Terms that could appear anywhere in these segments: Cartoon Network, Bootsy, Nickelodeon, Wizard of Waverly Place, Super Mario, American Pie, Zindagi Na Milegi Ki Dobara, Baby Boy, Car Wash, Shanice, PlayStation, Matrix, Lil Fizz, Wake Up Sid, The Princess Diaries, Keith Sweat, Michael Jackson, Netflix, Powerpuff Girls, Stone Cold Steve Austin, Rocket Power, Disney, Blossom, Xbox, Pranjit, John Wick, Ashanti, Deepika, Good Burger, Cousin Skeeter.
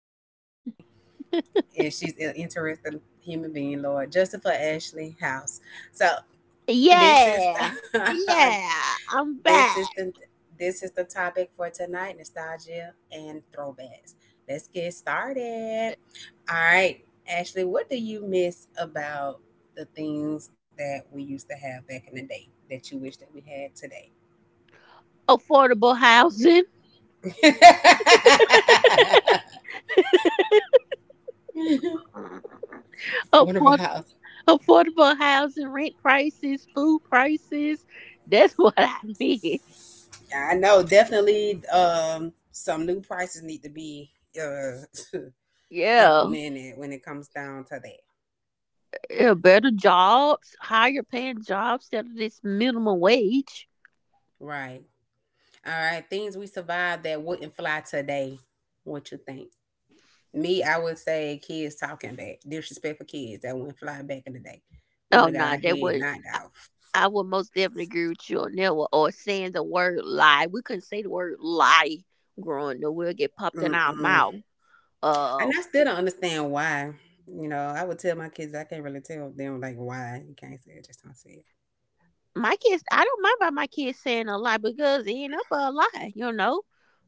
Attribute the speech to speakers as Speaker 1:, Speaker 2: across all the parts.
Speaker 1: crazy. She's funny, and she's an interesting human being. Lord, Justin for Ashley House. So this is
Speaker 2: Yeah,
Speaker 1: the
Speaker 2: yeah, I'm
Speaker 1: this is
Speaker 2: back.
Speaker 1: the this is the topic for tonight: nostalgia and throwbacks. Let's get started. All right, Ashley, what do you miss about the things that we used to have back in the day that you wish that we had today?
Speaker 2: Affordable housing,
Speaker 1: Affordable
Speaker 2: afford-
Speaker 1: house.
Speaker 2: affordable housing, rent prices, food prices. That's what I mean.
Speaker 1: I know definitely some new prices need to be uh
Speaker 2: Yeah,
Speaker 1: implemented when it comes down to that.
Speaker 2: yeah, better jobs, higher paying jobs instead of this minimum wage.
Speaker 1: Right. All right, things we survived that wouldn't fly today. What you think? Me, I would say kids talking back, disrespectful kids that wouldn't fly back in the day. We would
Speaker 2: Oh
Speaker 1: have got
Speaker 2: no,
Speaker 1: our
Speaker 2: that
Speaker 1: head
Speaker 2: would
Speaker 1: knocked off.
Speaker 2: I would most definitely agree with you on that one. Or saying the word lie, we couldn't say the word lie growing up. We'll get popped in our
Speaker 1: Mm-mm.
Speaker 2: mouth. Uh,
Speaker 1: And I still don't understand why. You know, I would tell my kids I can't really tell them like why you can't say it, just don't say it.
Speaker 2: my kids, I don't mind about my kids saying a lot because it end up a lie.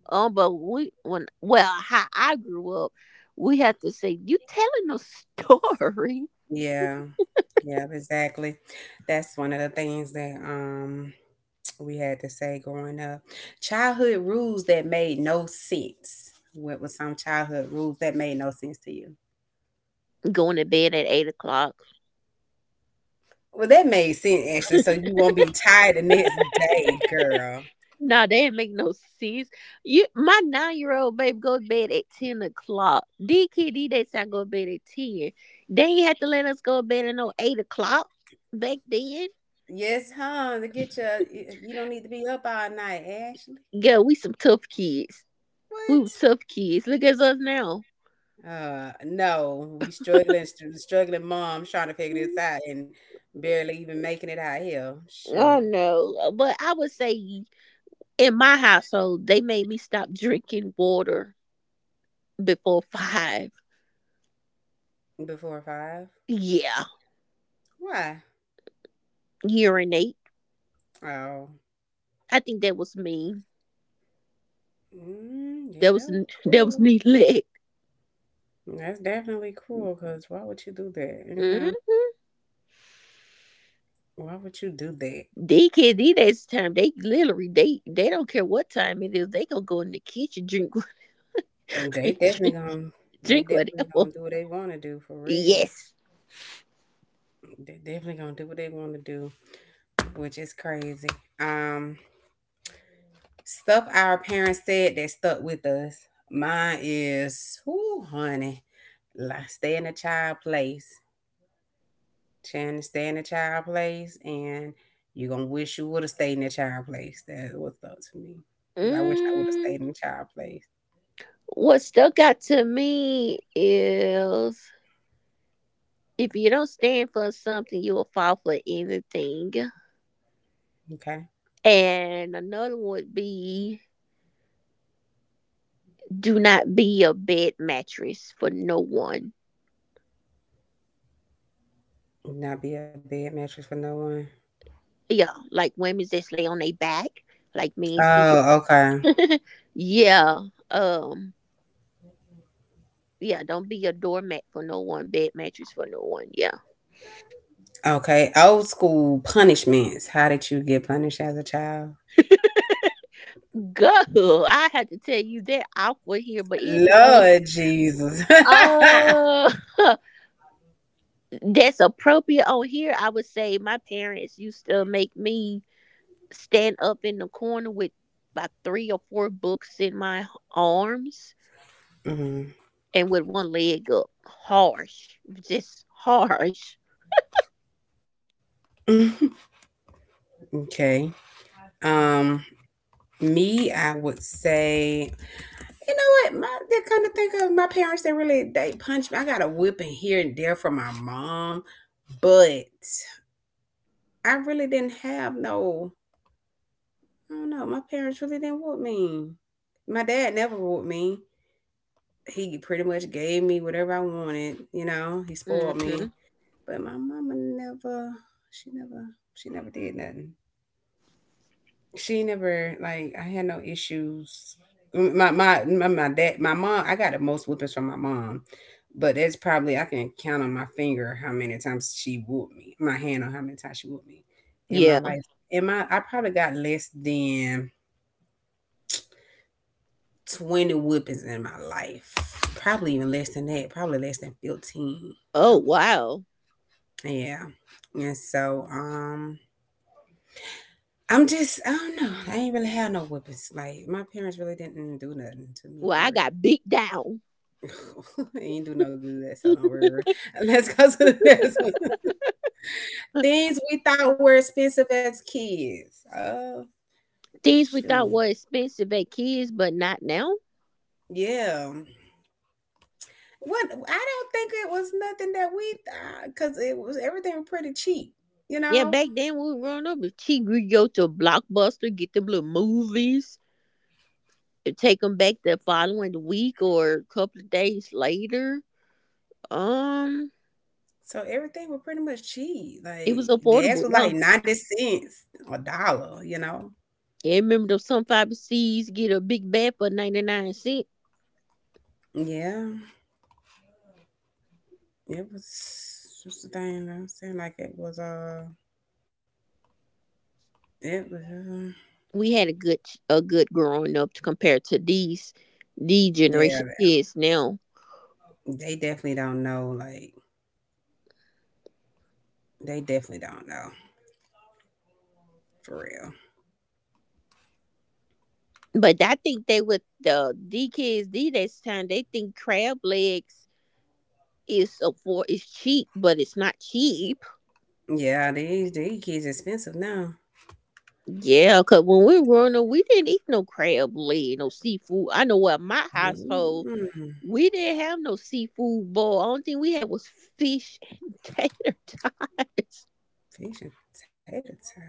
Speaker 2: But we when well how I grew up, we had to say you telling a story.
Speaker 1: Yeah, yeah, exactly. That's one of the things that we had to say growing up. Childhood rules that made no sense. What was some childhood rules that made no sense to you?
Speaker 2: Going to bed at 8 o'clock.
Speaker 1: Well, that made sense actually. So you won't be tired the next day, girl.
Speaker 2: Nah, they didn't make no sense. My 9-year-old baby goes to bed at 10 o'clock. D kid, D they I go to bed at ten. They ain't had to let us go to bed at no 8 o'clock back then.
Speaker 1: Yes, huh? You don't need to be up all night, Ashley.
Speaker 2: Girl, we some tough kids. We were
Speaker 1: What?
Speaker 2: tough kids. Look at us now.
Speaker 1: No, we struggling, struggling moms trying to figure this out and barely even making it out here.
Speaker 2: Oh
Speaker 1: Sure.
Speaker 2: no. But I would say in my household, they made me stop drinking water before five.
Speaker 1: Before five?
Speaker 2: Yeah.
Speaker 1: Why?
Speaker 2: Urinate.
Speaker 1: Oh,
Speaker 2: I think that was me.
Speaker 1: mm, yeah,
Speaker 2: That was
Speaker 1: that was
Speaker 2: that was
Speaker 1: cool.
Speaker 2: neglect.
Speaker 1: That's definitely cruel because why would you do that? And
Speaker 2: Mm-hmm.
Speaker 1: why would you do that?
Speaker 2: They kids these days time, they literally they don't care what time it is, they gonna go in the kitchen drink
Speaker 1: Mm,
Speaker 2: drink,
Speaker 1: They
Speaker 2: drink
Speaker 1: definitely
Speaker 2: whatever.
Speaker 1: gonna do what they wanna do for real.
Speaker 2: Yes.
Speaker 1: They definitely gonna do what they wanna do, which is crazy. Um Stuff our parents said that stuck with us. Mine is whoo honey. Like stay in a child place. Trying to stay in a child place and you're gonna wish you would have stayed in a child place. That's what stuck to me. Cause I wish I would have
Speaker 2: mm,
Speaker 1: stayed in a child place.
Speaker 2: what stuck out to me is, if you don't stand for something, you will fall for anything.
Speaker 1: Okay.
Speaker 2: And another would be, do not be a bed mattress for no one.
Speaker 1: Not be a bed mattress for no one.
Speaker 2: Yeah, like women just lay on their back, like men sleep.
Speaker 1: Oh, okay.
Speaker 2: Yeah, um, yeah, don't be a doormat for no one, bed mattress for no one. Yeah,
Speaker 1: Okay. Old school punishments. How did you get punished as a child?
Speaker 2: girl, I had to tell you that off for here, but anyway,
Speaker 1: Lord Jesus.
Speaker 2: uh, that's appropriate on here. I would say my parents used to make me stand up in the corner with about 3 or 4 books in my arms
Speaker 1: Mhm.
Speaker 2: and with one leg up. Harsh. Just harsh.
Speaker 1: Okay. Um, Me, I would say, you know what? My That kind of think of my parents. They really they punched me. I got a whipping here and there from my mom, but I really didn't have no. I don't know. My parents really didn't whoop me. My dad never whooped me. He pretty much gave me whatever I wanted, you know, he spoiled me.
Speaker 2: Hmm.
Speaker 1: But my mama never she never she never did nothing. She never like I had no issues. My mom I got the most whippings from my mom. But that's probably I can count on my finger how many times she whooped me. My hand on how many times she whooped me in
Speaker 2: Yeah.
Speaker 1: my life. In my I probably got less than 20 whippings in my life. Probably even less than that. Probably less than 15.
Speaker 2: Oh,
Speaker 1: I would
Speaker 2: wow.
Speaker 1: Yeah. And so, I'm just, I don't know. I ain't really had no whippings. Like, my parents really didn't do nothing to me
Speaker 2: Well, I
Speaker 1: for
Speaker 2: got beat down.
Speaker 1: real. They ain't do no good, so don't worry. Let's go to the next one. Things we thought were expensive as kids. Oh,
Speaker 2: Things we
Speaker 1: shoot.
Speaker 2: thought were expensive at kids, but not now.
Speaker 1: Yeah. What? I don't think it was nothing that we thought, because it was everything was pretty cheap, you
Speaker 2: Yeah,
Speaker 1: know?
Speaker 2: back then we were growing up, if she would go to a Blockbuster, get them little movies, and take them back the following week or a couple of days later. Um,
Speaker 1: So everything was pretty much cheap.
Speaker 2: it was
Speaker 1: Like, gas
Speaker 2: affordable.
Speaker 1: was
Speaker 2: Yeah,
Speaker 1: like 90 cents a dollar, you know?
Speaker 2: yeah, remember those some fiber seeds get a big bag for 99 cent.
Speaker 1: Yeah, it was just a thing. I'm saying like it was
Speaker 2: We had a good growing up to compare to these
Speaker 1: Yeah,
Speaker 2: generation kids now.
Speaker 1: they definitely don't know like they definitely don't know for real.
Speaker 2: But I think they with the D kids these days time, they think crab legs is cheap, but it's not cheap.
Speaker 1: Yeah, these kids expensive now.
Speaker 2: Yeah, cause when we were growing up, we didn't eat no crab leg, no seafood. I know at my household
Speaker 1: Mm-mm.
Speaker 2: we didn't have no seafood bowl. Only thing we had was fish and tater tots.
Speaker 1: Fish and potato salad.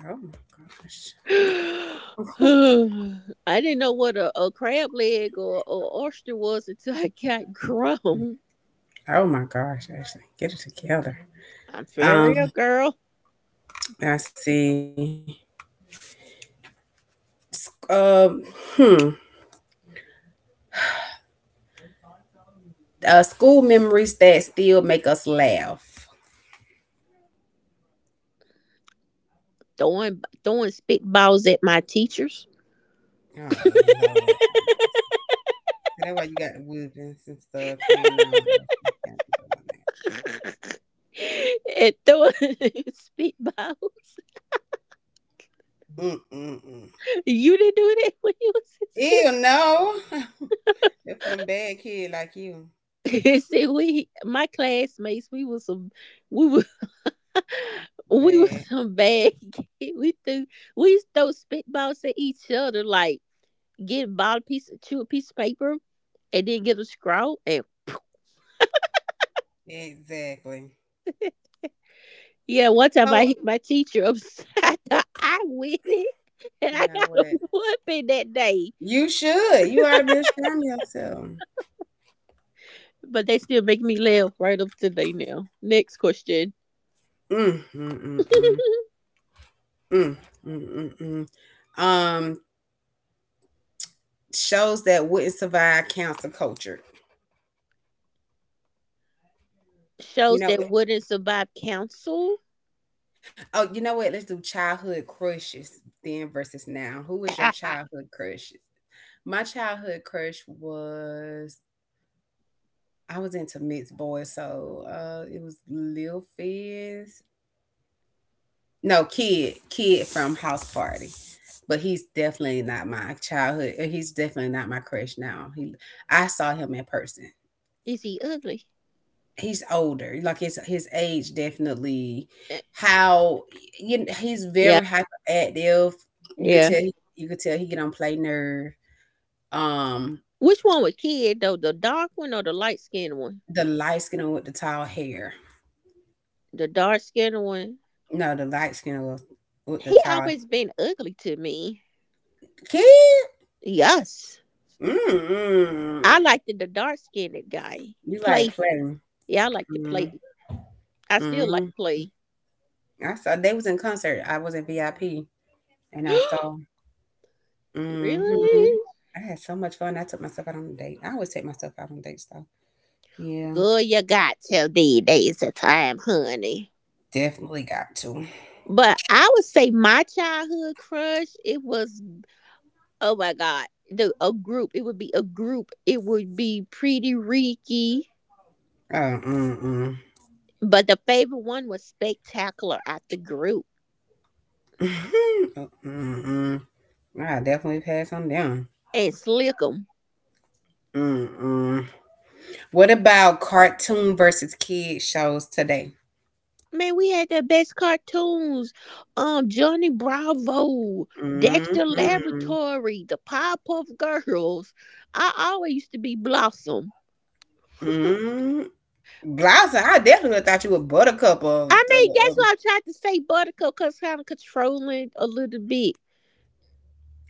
Speaker 1: Oh my gosh.
Speaker 2: I didn't know what a crab leg or oyster was until I got grown.
Speaker 1: Oh my gosh, Ashley, get it together.
Speaker 2: I'm fair real
Speaker 1: Um,
Speaker 2: girl.
Speaker 1: I see. S- Um, hmm. School memories that still make us laugh.
Speaker 2: Throwing spitballs at my teachers.
Speaker 1: Oh Lord. So that's why you got the whoopings and stuff carrying on. You can't be doing
Speaker 2: And throwing spitballs.
Speaker 1: that. Mm-mm-mm.
Speaker 2: You didn't do that when you was in
Speaker 1: Ew, no. They're for them bad kids like you.
Speaker 2: school. See, we my classmates, we were we
Speaker 1: Bad.
Speaker 2: was some bad kid. We used to throw spitballs at each other like, get a ball piece, chew a piece of paper and didn't get a scroll. And
Speaker 1: Exactly.
Speaker 2: yeah, one time I
Speaker 1: So,
Speaker 2: hit my teacher upside the eye with it, and I
Speaker 1: you know
Speaker 2: got a
Speaker 1: what?
Speaker 2: whooping that day.
Speaker 1: You should. You ought to be ashamed of yourself.
Speaker 2: But they still make me laugh right up to day now. Next question.
Speaker 1: Mm, mm, mm, mm, mm, mm, mm, mm. Shows that wouldn't survive cancel culture. You
Speaker 2: Shows
Speaker 1: know,
Speaker 2: that
Speaker 1: what?
Speaker 2: wouldn't survive council.
Speaker 1: Oh, you know what? Let's do childhood crushes then versus now. Who was your childhood crushes? My childhood crush was I was into mixed boys, so it was Lil Fizz. No, kid from House Party. But he's definitely not my childhood. He's definitely not my crush now. He I saw him in person.
Speaker 2: Is he ugly?
Speaker 1: He's older. His age definitely
Speaker 2: Eh,
Speaker 1: how you he's
Speaker 2: yeah,
Speaker 1: very hyperactive. You could
Speaker 2: yeah.
Speaker 1: tell you could tell he get on play nerve. Um
Speaker 2: Which one was kid though? The dark one or the light skinned one?
Speaker 1: the light skin with the tall hair.
Speaker 2: The dark skinned one.
Speaker 1: No, the light skin was with the
Speaker 2: He
Speaker 1: tall
Speaker 2: always been ugly to me.
Speaker 1: kid.
Speaker 2: Yes,
Speaker 1: Mm-mm.
Speaker 2: I liked the dark skinned guy.
Speaker 1: You like
Speaker 2: Play
Speaker 1: playing?
Speaker 2: Yeah, I like to play.
Speaker 1: Mm.
Speaker 2: I still like
Speaker 1: Mm.
Speaker 2: play.
Speaker 1: I saw they was in concert. I was in VIP, and I saw. Hmm.
Speaker 2: Really?
Speaker 1: I had so much fun. I took myself out on a date. I always take myself out on dates though. Yeah,
Speaker 2: Girl, you got till these days of time, honey.
Speaker 1: definitely got to.
Speaker 2: But I would say my childhood crush, it was, oh my God, a group. It would be a group. It would be pretty Ricky.
Speaker 1: Oh, mm-mm.
Speaker 2: But the favorite one was Spectacular at the group,
Speaker 1: Oh, mm-mm. I definitely pass on down.
Speaker 2: and Slickum.
Speaker 1: Mm-mm. What about cartoon versus kid shows today?
Speaker 2: Man, we had the best cartoons. Johnny Bravo, Dexter
Speaker 1: Hmm.
Speaker 2: Laboratory, the Powerpuff Girls. I always used to be Blossom.
Speaker 1: Mm. Blossom, I definitely thought you were Buttercup
Speaker 2: I mean, that's why I tried to say Buttercup, cause kind of controlling a little bit.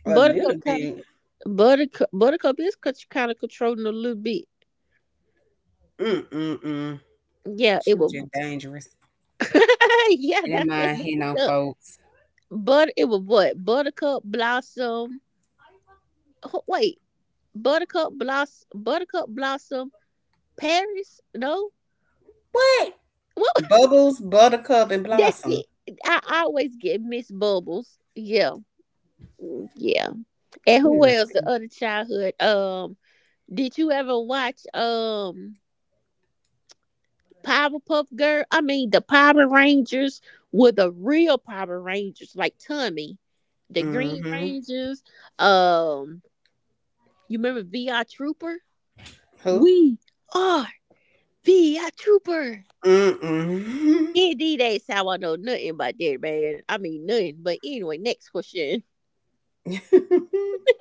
Speaker 1: a little bit.
Speaker 2: Buttercup is kind of controlling a little bit.
Speaker 1: Mm mm mm.
Speaker 2: Yeah,
Speaker 1: She
Speaker 2: it
Speaker 1: was
Speaker 2: was.
Speaker 1: just dangerous.
Speaker 2: Yeah,
Speaker 1: She didn't
Speaker 2: that's it.
Speaker 1: mind hitting on
Speaker 2: Buttercup.
Speaker 1: folks.
Speaker 2: But it was what, Buttercup, Blossom. Wait, Buttercup, Blossom, Buttercup, Blossom, Paris? No.
Speaker 1: What?
Speaker 2: Well,
Speaker 1: Bubbles, Buttercup, and
Speaker 2: that's
Speaker 1: Blossom.
Speaker 2: it. I always get Miss Bubbles. Yeah. Mm, yeah. And who else? The other childhood. Did you ever watch Powerpuff Girl? I mean the Power Rangers were the real Power Rangers, like Tommy, the Green
Speaker 1: Mm-hmm.
Speaker 2: Rangers. Um, you remember VR Trooper?
Speaker 1: Who?
Speaker 2: We are VR Trooper.
Speaker 1: Mm-mm.
Speaker 2: Indeed, that's how I know nothing about that, man. I mean nothing. But anyway, next question.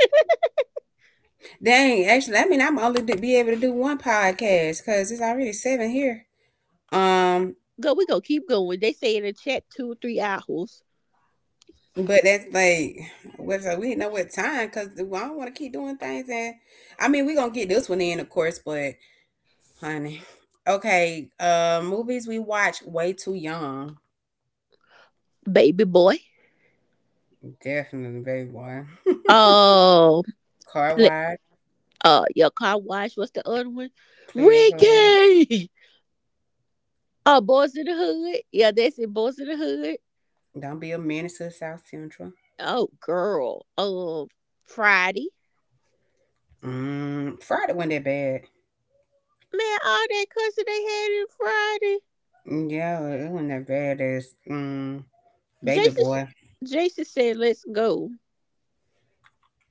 Speaker 1: Dang, actually, I mean, I'm only to be able to do one podcast because it's already seven here. Um,
Speaker 2: Go, we go keep going. They say in the chat 2 or 3 hours,
Speaker 1: But that's like, what's up? We didn't know what time because I don't want to keep doing things. And I mean, we going to get this one in, of course, but honey. Okay, movies we watch way too young.
Speaker 2: baby boy.
Speaker 1: Definitely, baby boy.
Speaker 2: Oh,
Speaker 1: Car
Speaker 2: pl-
Speaker 1: wash,
Speaker 2: your car wash. What's the other one?
Speaker 1: playing club.
Speaker 2: Ricky. Oh, boys in the hood. Yeah, that's it. Boys in the hood.
Speaker 1: Don't be a menace to South Central.
Speaker 2: Oh, girl. Friday.
Speaker 1: Mm, Friday wasn't that bad.
Speaker 2: Man, all that cussing they had in Friday.
Speaker 1: Yeah, it wasn't that bad as mm, baby
Speaker 2: Jason,
Speaker 1: boy.
Speaker 2: Jason said, "Let's go."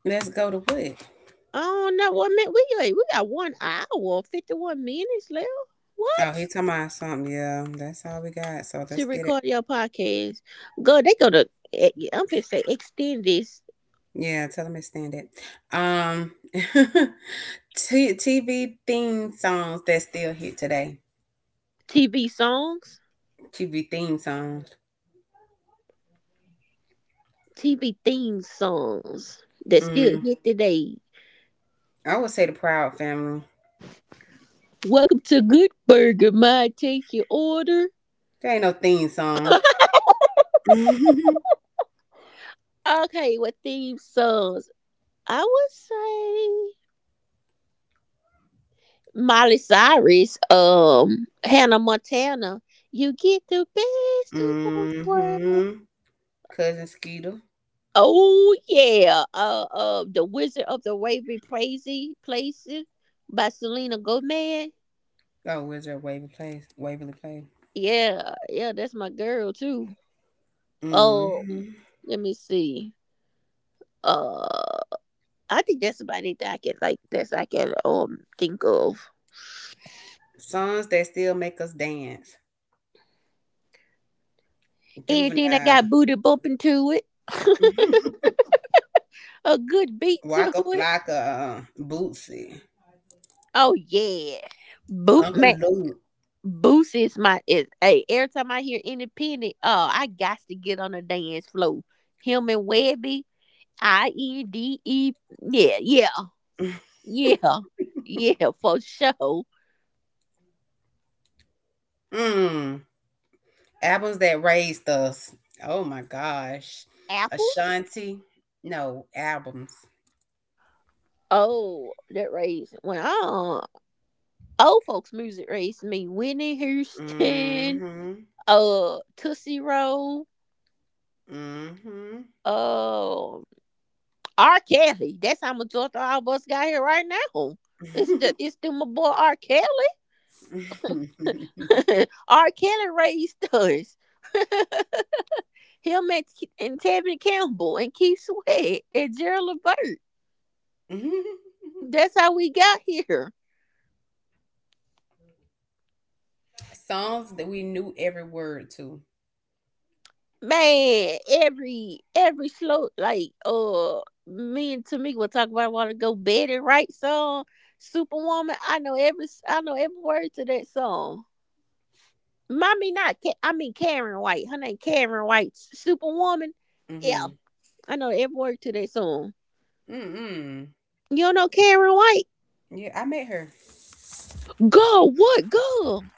Speaker 1: Let's go to what?
Speaker 2: I don't know what, man. We got 1 hour 51 minutes left.
Speaker 1: Oh, he talking about something. Yeah, that's all we got. So let's
Speaker 2: To
Speaker 1: get it.
Speaker 2: record your podcast. Go, they go to. I'm finna say extend this.
Speaker 1: Yeah, tell them to stand it. T- TV theme songs that still hit today.
Speaker 2: TV songs,
Speaker 1: TV theme songs.
Speaker 2: TV theme songs that still
Speaker 1: Mm,
Speaker 2: hit today.
Speaker 1: I would say the Proud Family.
Speaker 2: Welcome to Good Burger. My take your order.
Speaker 1: There ain't no theme song.
Speaker 2: Okay, what theme songs? I would say Miley Cyrus, Hannah Montana. You get the best of both worlds.
Speaker 1: Hmm. Cousin Skeeter.
Speaker 2: Oh yeah, the Wizard of the Waverly Praisey Places by Selena Gomez.
Speaker 1: Oh, Wizard of Waverly Place. Waverly Place.
Speaker 2: Yeah, yeah, that's my girl too. Um,
Speaker 1: Hmm.
Speaker 2: Let me see. Uh, I think that's about it that I can like. That's I can think of
Speaker 1: Songs that still make us dance.
Speaker 2: anything that
Speaker 1: Juvenile.
Speaker 2: got booty bumping to it, a good beat to
Speaker 1: Waka
Speaker 2: it.
Speaker 1: Flocka. Bootsy.
Speaker 2: Oh yeah, boot
Speaker 1: Uncle
Speaker 2: man.
Speaker 1: Luke.
Speaker 2: Boosie is hey, every time I hear independent, oh, I got to get on the dance floor. Him and Webby, I E D E. Yeah, yeah, yeah, yeah, for sure.
Speaker 1: Mm. Albums that raised us. Oh my gosh.
Speaker 2: Apples?
Speaker 1: Ashanti. No, albums.
Speaker 2: Oh, that raised well, old folks music raised me. Whitney Houston,
Speaker 1: Mm-hmm.
Speaker 2: Tootsie Roll,
Speaker 1: Mm-hmm.
Speaker 2: uh R. Kelly. That's how much all of us got here right now. It's the my boy R. Kelly. R. Kelly raised us. Him and Tevin Campbell and Keith Sweat and Gerald Levert. That's how we got here.
Speaker 1: Songs that we knew every word to.
Speaker 2: Man, every slow like me and Tamika will talk about, I want to go Betty Wright song, Superwoman. I know every word to that song. Mommy, not, I mean Karen White. Her name Karen White. Superwoman. Yeah,
Speaker 1: Mm-hmm.
Speaker 2: I know every word to that song.
Speaker 1: Mm-mm.
Speaker 2: You don't know Karen White?
Speaker 1: Yeah, I met her.
Speaker 2: Girl, what, girl?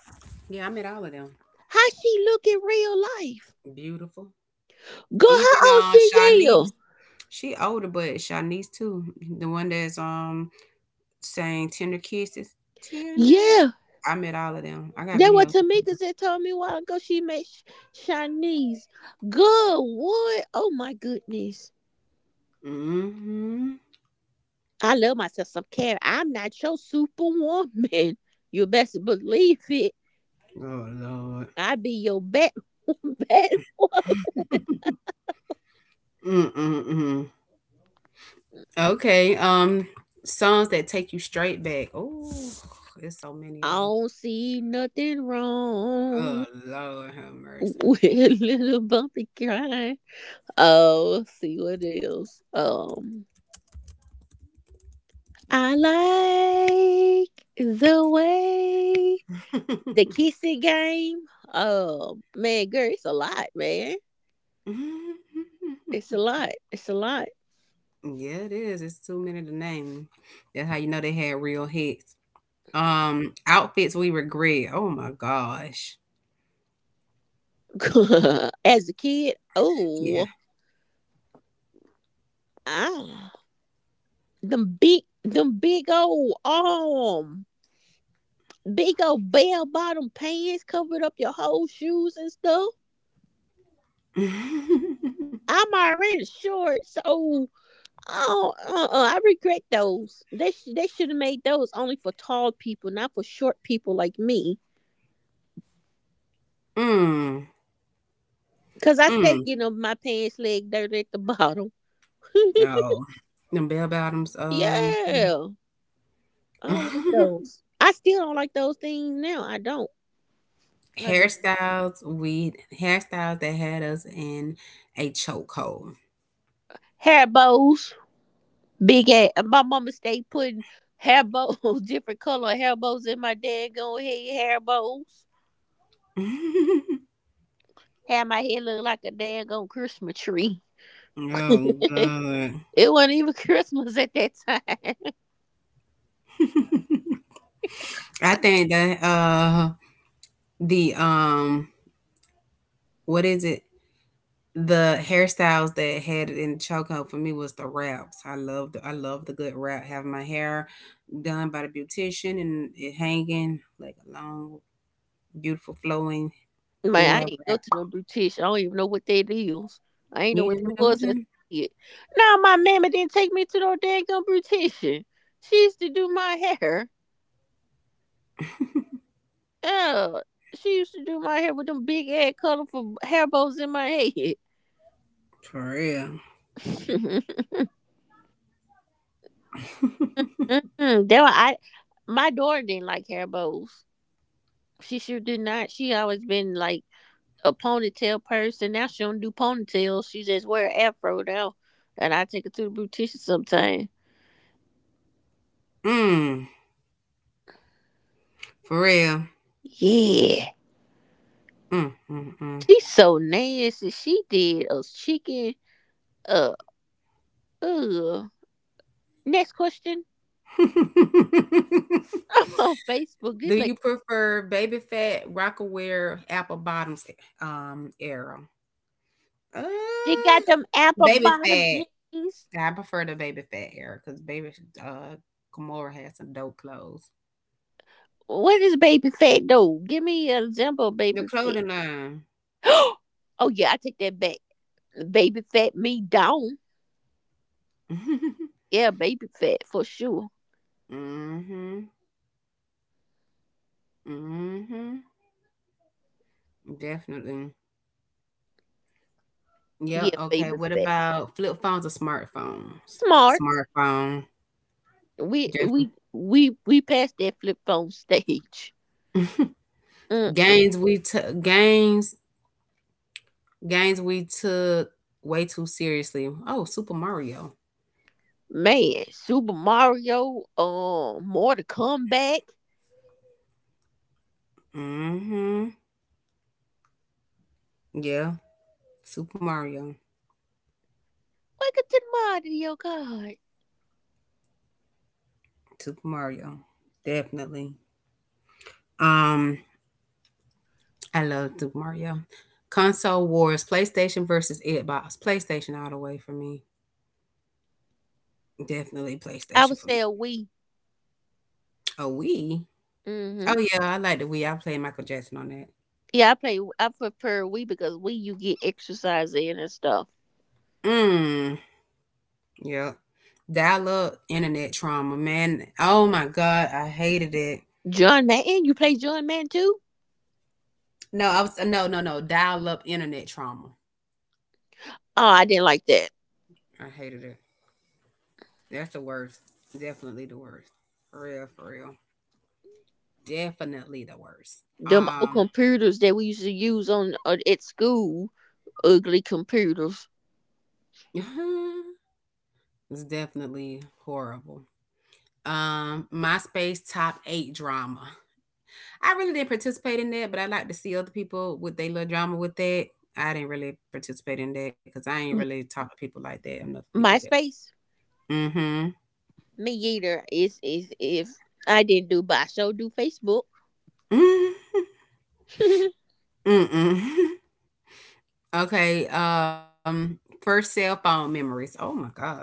Speaker 1: Yeah, I met all of them.
Speaker 2: How she look in real life?
Speaker 1: Beautiful.
Speaker 2: Girl,
Speaker 1: Even
Speaker 2: how old she
Speaker 1: Shanice.
Speaker 2: is?
Speaker 1: She older, but Shanice too. The one that's Saying tender kisses. Tender.
Speaker 2: Yeah.
Speaker 1: I met all of them. I got
Speaker 2: That what
Speaker 1: videos.
Speaker 2: Tamika said told me a while ago. She met Shanice. Good what? Oh my goodness.
Speaker 1: Mm-hmm.
Speaker 2: I love myself some care. I'm not your superwoman. You best believe it.
Speaker 1: Oh Lord.
Speaker 2: I be your bad, bad woman.
Speaker 1: Mm-mm-mm. Okay. Songs that take you straight back. Oh, there's so many
Speaker 2: I
Speaker 1: of them.
Speaker 2: don't see nothing
Speaker 1: Oh
Speaker 2: wrong
Speaker 1: Lord, have mercy.
Speaker 2: with little bumpy kind. Oh, see what else. I like the way, the kissing game. Oh man, girl, it's a lot, man.
Speaker 1: Yeah,
Speaker 2: It's a lot. It's a lot.
Speaker 1: it is. It's too many to name. That's how you know they had real hits. Outfits we regret. Oh my gosh.
Speaker 2: As a kid,
Speaker 1: Yeah.
Speaker 2: oh, ah, them big old arm, big old bell bottom pants covered up your whole shoes and stuff. I'm already short, so. Oh, uh-uh, I regret those. They should have made those only for tall people, not for short people like me.
Speaker 1: Mm.
Speaker 2: Cause I stayed
Speaker 1: Mm.
Speaker 2: getting up my pants leg dirty at the bottom.
Speaker 1: No. Them bell bottoms.
Speaker 2: Yeah, I don't like those. I still don't like those things now. I don't. I do
Speaker 1: Hairstyles we Hairstyles that had us in a chokehold.
Speaker 2: hair bows, big ass. My mama stayed putting hair bows, different color hair bows in my daggone head. Hair bows. Had my head look like a daggone Christmas tree.
Speaker 1: Oh
Speaker 2: It
Speaker 1: god.
Speaker 2: wasn't even Christmas at that time.
Speaker 1: I think that the what is it? The hairstyles that had it in chokehold for me was the wraps. I love the good wrap. Having my hair done by the beautician and it hanging like a long, beautiful flowing
Speaker 2: Man,
Speaker 1: full
Speaker 2: I ain't go
Speaker 1: wrap.
Speaker 2: to no brutish. I don't even know what that is. I ain't know
Speaker 1: You
Speaker 2: what
Speaker 1: know
Speaker 2: that
Speaker 1: what I'm
Speaker 2: was as a
Speaker 1: saying?
Speaker 2: kid. Now my mamma didn't take me to no daggone beautician. She used to do my hair. Yeah, she used to do my hair with them big ass colorful hair bows in my head.
Speaker 1: For real.
Speaker 2: Mm-mm, that one, I my daughter didn't like hair bows. She sure did not. She always been like a ponytail person. Now she don't do ponytails. She just wear afro now, and I take her to the beautician sometime.
Speaker 1: Mm, for real.
Speaker 2: Yeah.
Speaker 1: Mm, mm, mm.
Speaker 2: She's so nasty. She did us chicken. Uh, uh. Next question. I'm on Facebook.
Speaker 1: Do
Speaker 2: This like,
Speaker 1: you prefer baby fat, rockaware, apple bottoms, era? Uh,
Speaker 2: she got them apple
Speaker 1: Baby
Speaker 2: bottom
Speaker 1: fat.
Speaker 2: jeans.
Speaker 1: I prefer the baby fat era because baby uh Gamora has some dope clothes.
Speaker 2: What is baby fat though? Give me an example of
Speaker 1: The
Speaker 2: baby fat.
Speaker 1: clothing line.
Speaker 2: Oh yeah, I take that back. Baby fat me down. Yeah, baby fat for sure.
Speaker 1: Mhm. Mhm. Definitely. Yeah.
Speaker 2: Yeah,
Speaker 1: Okay.
Speaker 2: baby
Speaker 1: What
Speaker 2: fat.
Speaker 1: about flip phones or smartphones?
Speaker 2: Smart.
Speaker 1: Smartphone.
Speaker 2: We
Speaker 1: Definitely.
Speaker 2: we we we passed that flip phone stage. Mm
Speaker 1: Games Games we took way too seriously. Oh, Super Mario.
Speaker 2: man, Super Mario, Mortal Kombat.
Speaker 1: Mm-hmm. Yeah. Super Mario.
Speaker 2: Welcome to the mind of your God.
Speaker 1: Super Mario. Definitely. Um, I love Super Mario. Console Wars, PlayStation versus Xbox. PlayStation all the way for me. Definitely
Speaker 2: I would
Speaker 1: PlayStation for
Speaker 2: say
Speaker 1: me.
Speaker 2: a we.
Speaker 1: Oh, Wii. Oh
Speaker 2: hmm
Speaker 1: yeah, I like the Wii. I played Michael Jackson on that.
Speaker 2: Yeah, I play. I prefer we because we you get exercise in and stuff.
Speaker 1: Mm. Yep. Dial up internet trauma, man. Oh my god, I hated it.
Speaker 2: John Madden, you play John Madden too?
Speaker 1: No, I was No, no, no. Dial up internet trauma.
Speaker 2: Oh, I didn't like that.
Speaker 1: I hated it. That's the worst. Definitely the worst. For real, for real. Definitely the worst.
Speaker 2: Them old computers that we used to use on at school, ugly computers.
Speaker 1: It's definitely horrible. MySpace top eight drama. I really didn't participate in that, but I like to see other people with their little drama with that. I didn't really participate in that because I ain't really talk to people like that. I'm not gonna do that.
Speaker 2: MySpace,
Speaker 1: Mm-hmm.
Speaker 2: me either. Is if I didn't do, but I sure do Facebook.
Speaker 1: Mm-hmm. Mm-mm. Okay. First cell phone memories. Oh my gosh.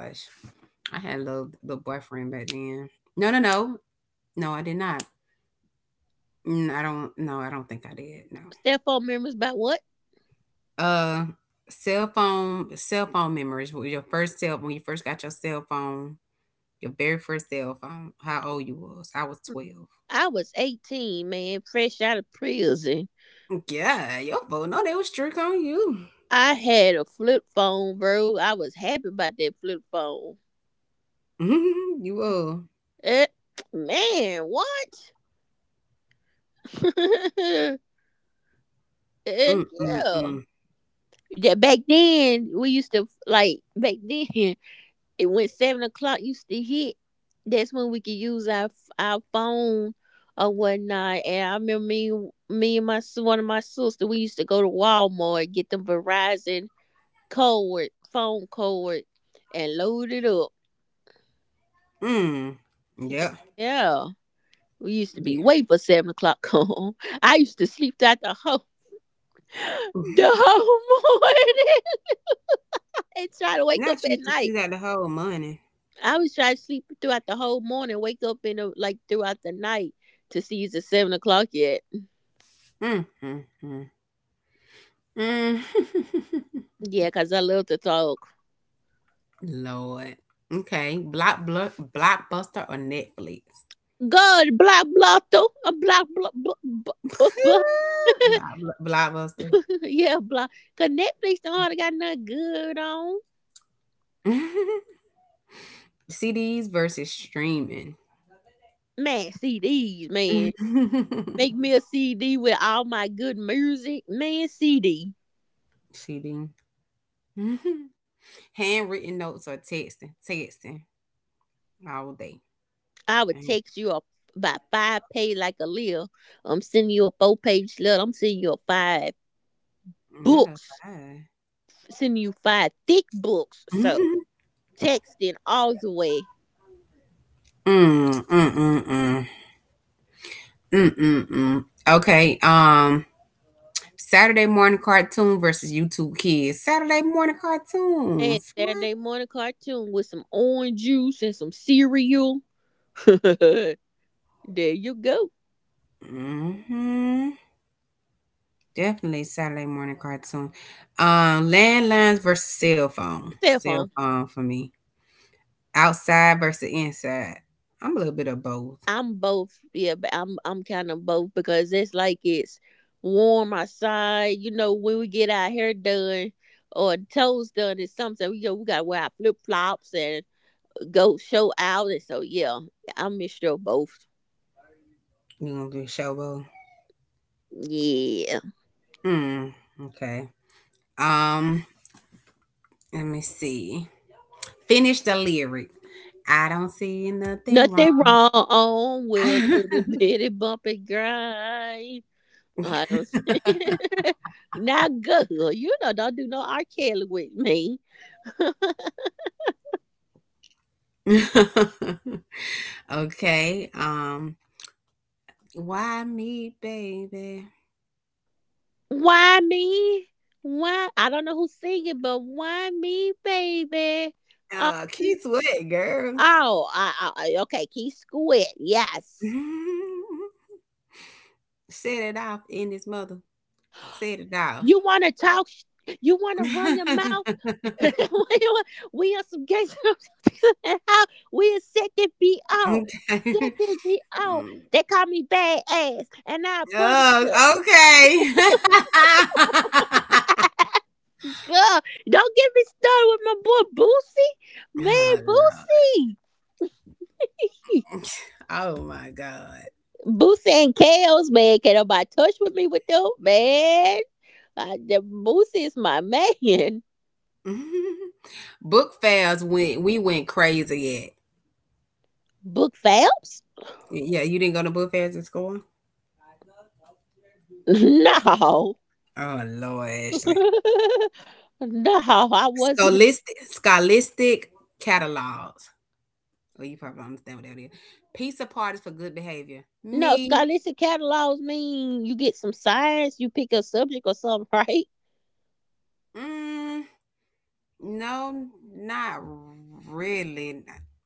Speaker 1: I had a little boyfriend back then. No, no, no. No, I did not. Mm, I don't no, I don't think I did. No.
Speaker 2: Cell phone members by what?
Speaker 1: Uh cell phone memories. With your first cell when you first got your cell phone, your very first cell phone, how old you was. I was 12.
Speaker 2: I was 18, man, fresh out of prison.
Speaker 1: Yeah, your phone. No, they was trick on you.
Speaker 2: I had a flip phone, bro. I was happy about that flip phone.
Speaker 1: you uh
Speaker 2: Eh, man, what? Heck
Speaker 1: mm, mm,
Speaker 2: yeah.
Speaker 1: mm.
Speaker 2: That back then we used to like back then it went 7 o'clock used to hit. That's when we could use our phone or whatnot. And I remember me me and my s- one of my sister we used to go to Walmart and get them Verizon cord phone cord and load it up.
Speaker 1: Mm. Yeah.
Speaker 2: Yeah. We used to
Speaker 1: Yeah.
Speaker 2: be wait for 7 o'clock come home. I used to sleep that the whole the whole morning and try to
Speaker 1: Not
Speaker 2: wake up
Speaker 1: used to
Speaker 2: at
Speaker 1: see that
Speaker 2: night.
Speaker 1: the whole money.
Speaker 2: I was trying to sleep throughout the whole morning, wake up in the, like throughout the night to see is it 7 o'clock yet.
Speaker 1: Mm, mm, mm. Mm.
Speaker 2: Yeah, cause I love to talk.
Speaker 1: Lord. Okay. Blockbuster or Netflix?
Speaker 2: God, block, block, though. A block, block, block, block, block.
Speaker 1: Blockbuster.
Speaker 2: yeah, block. Cause Netflix don't hardly got nothing good on.
Speaker 1: CDs versus streaming.
Speaker 2: Man, CDs, man. Make me a CD with all my good music, man. CD.
Speaker 1: Cheating. Handwritten notes or texting. Texting all day.
Speaker 2: I would
Speaker 1: Ain't
Speaker 2: text you a about five-page like a Leah. I'm sending you a four-page letter. I'm sending you a five
Speaker 1: not a
Speaker 2: books.
Speaker 1: five.
Speaker 2: Sending you five thick books. So
Speaker 1: mm,
Speaker 2: texting all the way.
Speaker 1: mm, mm, mm, mm, mm, mm. Okay. Saturday morning cartoon versus YouTube Kids. Saturday morning
Speaker 2: And
Speaker 1: cartoons. What?
Speaker 2: Saturday morning cartoon with some orange juice and some cereal. there you go.
Speaker 1: Mm-hmm. Definitely Saturday morning cartoon. Landlines versus cell phone.
Speaker 2: Cell
Speaker 1: Cell
Speaker 2: phone.
Speaker 1: phone for me. Outside versus inside. I'm a little bit of both.
Speaker 2: I'm both. Yeah, but I'm kind of both because it's warm outside. You know, when we get our hair done or toes done, it's something we go. We gotta wear our flip flops and go show out. And so yeah, I'm mixture of both.
Speaker 1: You gonna do a show both?
Speaker 2: Yeah,
Speaker 1: Mm. Okay. Um. Let me see. Finish the lyric. I don't see nothing wrong.
Speaker 2: nothing wrong on will to the bitty bumpy grind. I don't see. Not good. You know, don't do no R. Kelly with me.
Speaker 1: okay. Why me, baby?
Speaker 2: Why me? Why? I don't know who's singing, but why me, baby? Um,
Speaker 1: Keith Sweat, girl.
Speaker 2: oh, okay, Key Squid. Yes.
Speaker 1: Set it off in this mother. Set it off.
Speaker 2: You want to talk? You want to run your mouth?
Speaker 1: okay.
Speaker 2: We are some gangsters. How we are set to be out. Set to be out.
Speaker 1: Mm.
Speaker 2: They call me bad ass, and I put it.
Speaker 1: Oh, okay.
Speaker 2: Girl, don't get me started with my boy Boosie.
Speaker 1: oh,
Speaker 2: Man,
Speaker 1: Lord.
Speaker 2: Boosie.
Speaker 1: Oh, my God.
Speaker 2: Boosie and Kels, man. Can nobody touch with me with them, man? The Boosie is my man.
Speaker 1: book fairs, we went crazy at.
Speaker 2: Book Phelps?
Speaker 1: Yeah, you didn't go to book fairs in school?
Speaker 2: No,
Speaker 1: Oh, Lord, Ashley.
Speaker 2: no, I wasn't.
Speaker 1: Scholastic catalogs. Oh, you probably don't understand what that is. Peace parties for good behavior.
Speaker 2: No,
Speaker 1: Me,
Speaker 2: scholastic catalogs mean you get some science, you pick a subject or something, right?
Speaker 1: mm, no, not really.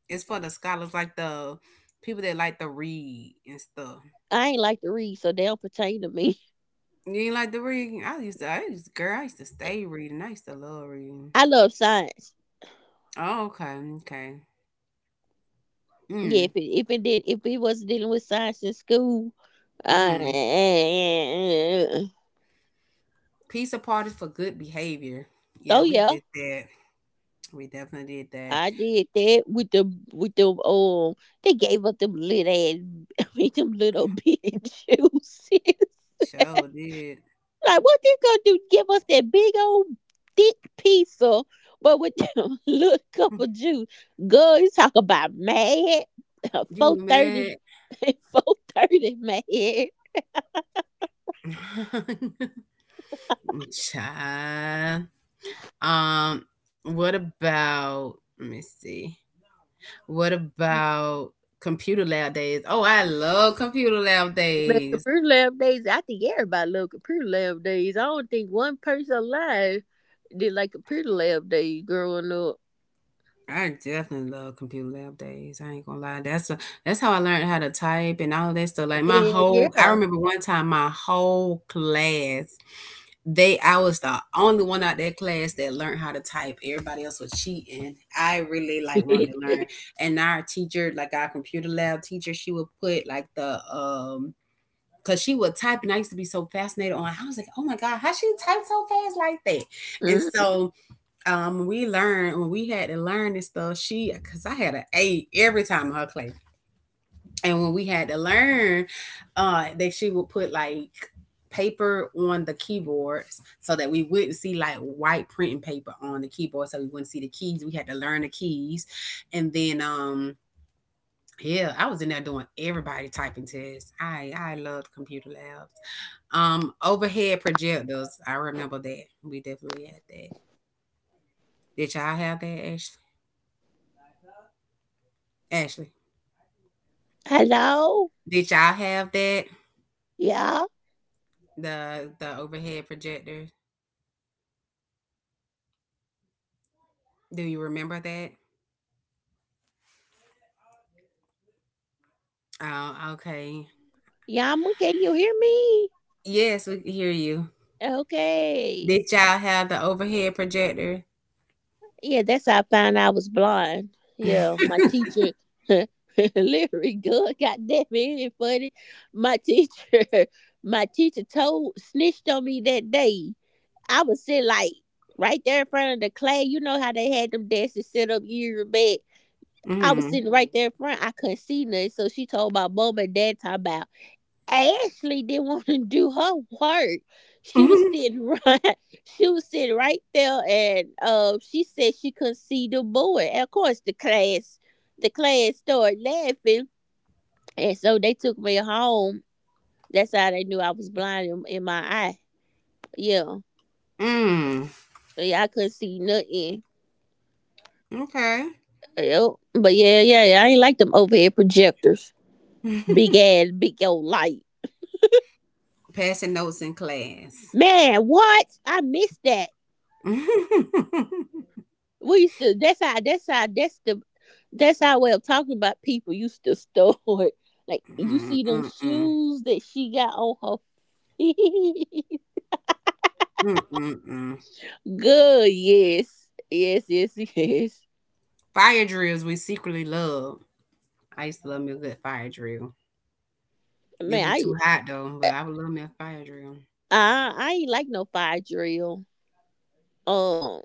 Speaker 1: It's for the scholars, like the people that like to read and stuff.
Speaker 2: I ain't like to read, so they don't pertain to me.
Speaker 1: You ain't like to read? I used to, girl, I used to stay reading. I used to love reading.
Speaker 2: I love science.
Speaker 1: Oh, okay, okay.
Speaker 2: Yeah,
Speaker 1: Mm,
Speaker 2: if it wasn't dealing with science in school, uh,
Speaker 1: mm-hmm.
Speaker 2: eh, eh, eh, eh, eh.
Speaker 1: Pizza parties for good behavior.
Speaker 2: oh
Speaker 1: Yeah, we
Speaker 2: yeah,
Speaker 1: did that. We definitely did that.
Speaker 2: I did that with the they gave us them little ass I mean them little bitty juices. like
Speaker 1: Sure did.
Speaker 2: what they gonna do? Give us that big old thick pizza but with them little cup of juice. Girl, you talk about mad.
Speaker 1: You
Speaker 2: Four thirty
Speaker 1: mad?
Speaker 2: four thirty mad.
Speaker 1: Child. What about, let me see. What about computer lab days? Oh, I love computer lab
Speaker 2: Man,
Speaker 1: days.
Speaker 2: computer lab days, I think everybody love computer lab days. I don't think one person alive did like computer lab days growing up.
Speaker 1: I definitely love computer lab days. I ain't gonna lie. That's how I learned how to type and all that stuff. Like my
Speaker 2: Yeah,
Speaker 1: whole I
Speaker 2: yeah,
Speaker 1: remember one time my whole class, they I was the only one out that class that learned how to type. Everybody else was cheating. I really like wanted to learn. And our teacher, like our computer lab teacher, she would put like the, because she would type, and I used to be so fascinated on I was like, oh my God, how she type so fast like that? And
Speaker 2: yeah.
Speaker 1: so, we learned, when we had to learn this stuff, she cause I had an A every time in her class, and when we had to learn, that she would put like paper on the keyboards so that we wouldn't see, like white printing paper on the keyboard so we wouldn't see the keys. We had to learn the keys, and then, yeah, I was in there doing everybody typing tests. I loved computer labs. Um overhead projectors, I remember that. We definitely had that. Did y'all have that, Ashley? Ashley,
Speaker 2: Hello?
Speaker 1: did y'all have that,
Speaker 2: Yeah?
Speaker 1: the overhead projector? Do you remember that? Oh, okay.
Speaker 2: Yama, can you hear me?
Speaker 1: Yes, we can hear you.
Speaker 2: Okay.
Speaker 1: Did y'all have the overhead projector?
Speaker 2: Yeah, that's how I found I was blind. Yeah, my teacher, literally good, goddamn it, ain't it funny? My teacher, my teacher told, snitched on me that day. I was sitting like right there in front of the clay. You know how they had them desks set up years back. I was
Speaker 1: Mm.
Speaker 2: sitting right there in front. I couldn't see nothing. So she told my mom and dad talking about Ashley didn't want to do her work. She was
Speaker 1: Mhm.
Speaker 2: sitting right. She was sitting right there, and she said she couldn't see the boy. And of course, the class started laughing, and so they took me home. That's how they knew I was blind in my eye. Yeah,
Speaker 1: Mm.
Speaker 2: yeah, I couldn't see nothing.
Speaker 1: Okay.
Speaker 2: Yep. But yeah, yeah, yeah, I ain't like them overhead projectors. Big ass, big old light.
Speaker 1: Passing notes in class.
Speaker 2: Man, what? I missed that. We used to that's how that's how that's the that's our way of talking about people used to store it. Like you see them
Speaker 1: Mm-mm-mm.
Speaker 2: shoes that she got on her feet.
Speaker 1: Mm-mm-mm.
Speaker 2: Good, yes. Yes, yes, yes.
Speaker 1: Fire drills we secretly love. I used to love me a good fire drill. It'll
Speaker 2: Man,
Speaker 1: be too hot though, but I would love me a fire drill.
Speaker 2: I ain't like no fire drill. Um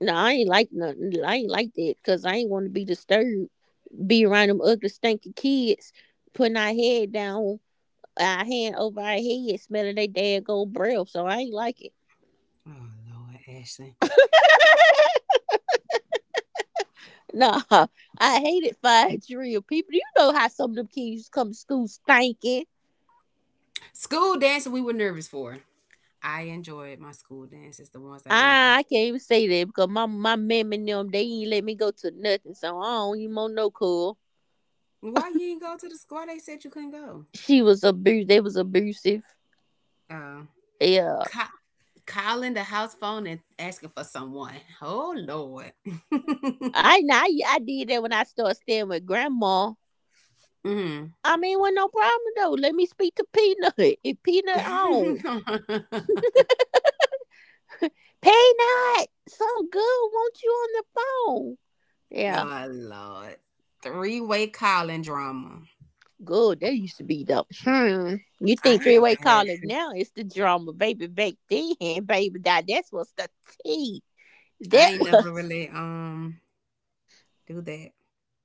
Speaker 2: no, I ain't like nothing. I ain't like that because I ain't want to be disturbed. Be around them ugly, stinky kids, putting our head down, our hand over our head, smelling their daggone breath. So I ain't like it.
Speaker 1: Oh Lord, Ashley.
Speaker 2: Nah, I hated fire drill. People, you know how some of them kids come to school stinking.
Speaker 1: School dancing we were nervous for. I enjoyed my school dances, the ones I did go.
Speaker 2: I can't even say that because my mom and them they ain't let me go to nothing, so I don't even want no cool.
Speaker 1: Why you ain't go to the school? Why they said you couldn't go?
Speaker 2: She was abused. They was abusive.
Speaker 1: Uh,
Speaker 2: Yeah,
Speaker 1: ca- calling the house phone and asking for someone. Oh Lord.
Speaker 2: I know. I did that when I started staying with grandma.
Speaker 1: Mm.
Speaker 2: I mean, was no problem though. Let me speak to Peanut. If Peanut on Peanut, some good want you on the phone. Yeah.
Speaker 1: Oh Lord. Three way calling drama.
Speaker 2: Good, that used to be dope. Hmm. You
Speaker 1: I
Speaker 2: think
Speaker 1: ain't
Speaker 2: three
Speaker 1: never
Speaker 2: way
Speaker 1: had.
Speaker 2: calling now is the drama, baby? Back then, baby, that was the tea.
Speaker 1: I
Speaker 2: That
Speaker 1: ain't never
Speaker 2: was
Speaker 1: really do that.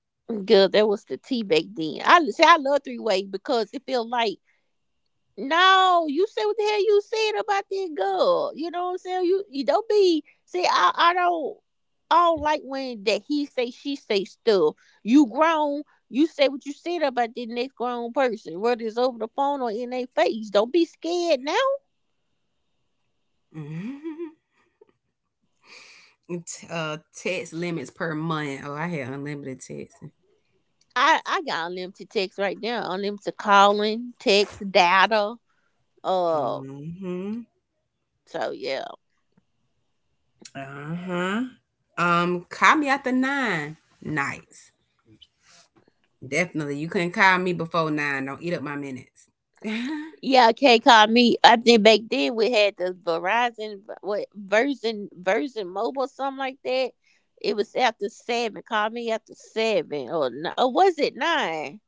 Speaker 2: good. That was the tea back then. I say I love three-way because it feel like no, you say what the hell you said about that girl. You know what I'm saying? You don't be see. I don't like when that he say she say stuff. You grown. You say what you said about the next grown person, whether it's over the phone or in their face. Don't be scared now.
Speaker 1: Mhm. Text limits per month. Oh, I had unlimited text.
Speaker 2: I got unlimited text right now, unlimited calling, text, data. Uh,
Speaker 1: Mm-hmm.
Speaker 2: so yeah,
Speaker 1: Uh huh. Call me after nine nights. Definitely. You couldn't call me before 9. Don't eat up my minutes.
Speaker 2: yeah. Can't call me. I think back then we had the Verizon, what Verizon, Verizon Mobile, something like that. It was after seven. Call me after seven, or was it nine?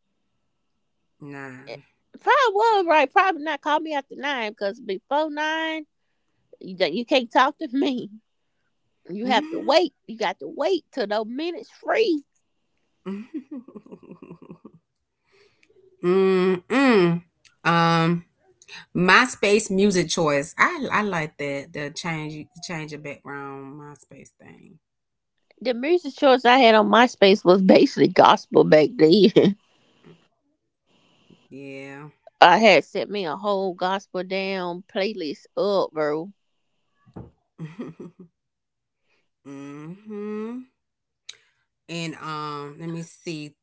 Speaker 2: Eh,
Speaker 1: nah.
Speaker 2: Probably was right. Probably not. Call me after nine, because before nine, you can't talk to me. You have to wait. You got to wait till those minutes free.
Speaker 1: Mm-mm. Um, MySpace music choice. I like that. The change your background MySpace thing.
Speaker 2: The music choice I had on MySpace was basically gospel back then.
Speaker 1: Mm. Yeah.
Speaker 2: I had set me a whole gospel down playlist up, bro.
Speaker 1: mm-hmm. And, let me see.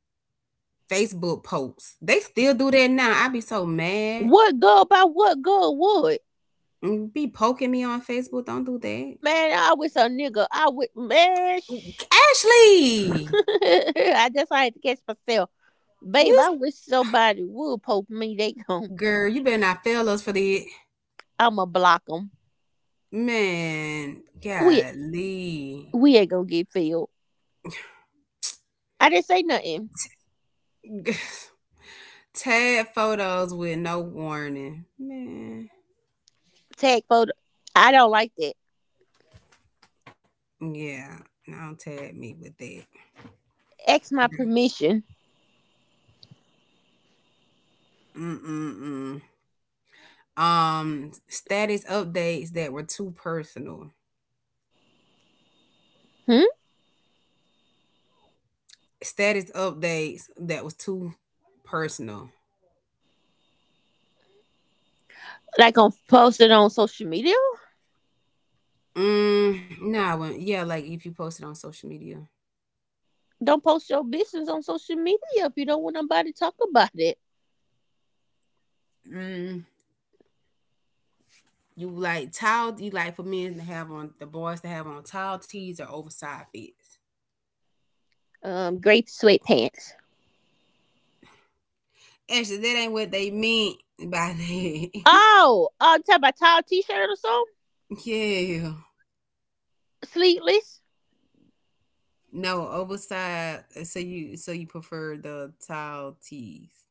Speaker 1: Facebook posts. They still do that now. I be so mad.
Speaker 2: What good would?
Speaker 1: Mm, be poking me on Facebook. Don't do that.
Speaker 2: Man, I wish a nigga. I would man.
Speaker 1: Ashley.
Speaker 2: I had to catch myself,
Speaker 1: You
Speaker 2: babe.
Speaker 1: s-
Speaker 2: I wish somebody would poke me. They gon'
Speaker 1: girl, you better not fail us for the
Speaker 2: I'ma block them.
Speaker 1: man.
Speaker 2: We
Speaker 1: Golly.
Speaker 2: we ain't gonna get filled. I didn't say nothing.
Speaker 1: tag photos with no warning. Man.
Speaker 2: Tag photo. I don't like that.
Speaker 1: Yeah. Don't tag me with that.
Speaker 2: Ask my permission.
Speaker 1: Mm-mm-mm. Status updates that were too personal.
Speaker 2: Hmm.
Speaker 1: Status updates that was too personal.
Speaker 2: Like on post it on social media.
Speaker 1: Mm, nah, when, yeah, like if you post it on social media.
Speaker 2: Don't post your business on social media if you don't want nobody to talk about it.
Speaker 1: Mm, you like tile, you like for men to have on, the boys to have on tall tees or oversized fits.
Speaker 2: Grape sweatpants.
Speaker 1: Actually, that ain't what they meant by that.
Speaker 2: Oh, you talking about tall t-shirt or something?
Speaker 1: yeah.
Speaker 2: Sleeveless?
Speaker 1: No, oversized, so you, so you prefer the tall tees.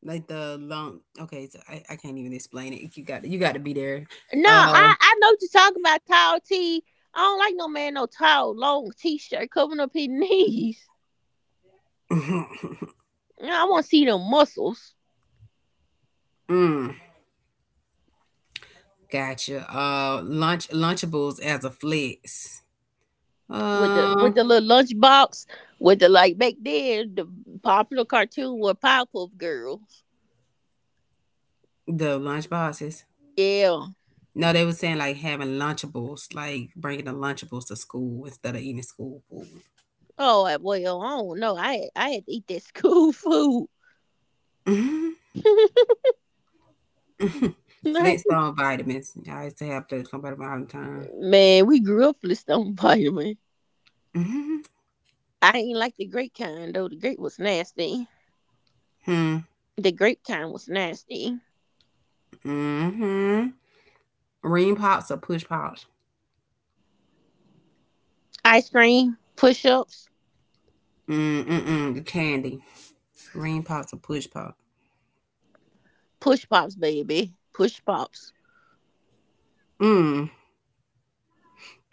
Speaker 1: Like the long, okay, so I can't even explain it. You got, you gotta be there.
Speaker 2: No,
Speaker 1: Uh
Speaker 2: I know what you're talking about. Tall t. I don't like no man no tall long t-shirt covering up his knees. No, I want to see them muscles
Speaker 1: mm, gotcha. Lunchables as a flex.
Speaker 2: with the
Speaker 1: Uh
Speaker 2: little lunchbox with the like back then the popular cartoon were Powerpuff Girls.
Speaker 1: the lunch boxes.
Speaker 2: Yeah.
Speaker 1: No, they were saying like having Lunchables, like bringing the Lunchables to school instead of eating school food.
Speaker 2: Oh well, I don't know. I had to eat that school food.
Speaker 1: Mm-hmm.
Speaker 2: Right.
Speaker 1: Flintstone vitamins. I used to have those somebody all the time.
Speaker 2: Man, we grew up with on vitamin.
Speaker 1: Hmm.
Speaker 2: I ain't like the grape kind though. The grape was nasty.
Speaker 1: Hmm.
Speaker 2: The grape kind was nasty.
Speaker 1: Mm-hmm. Ring pops or push pops?
Speaker 2: Ice cream, push ups,
Speaker 1: Mm-mm-mm. The candy. Ring pops or push pop?
Speaker 2: push pops, baby. Push pops.
Speaker 1: Mm.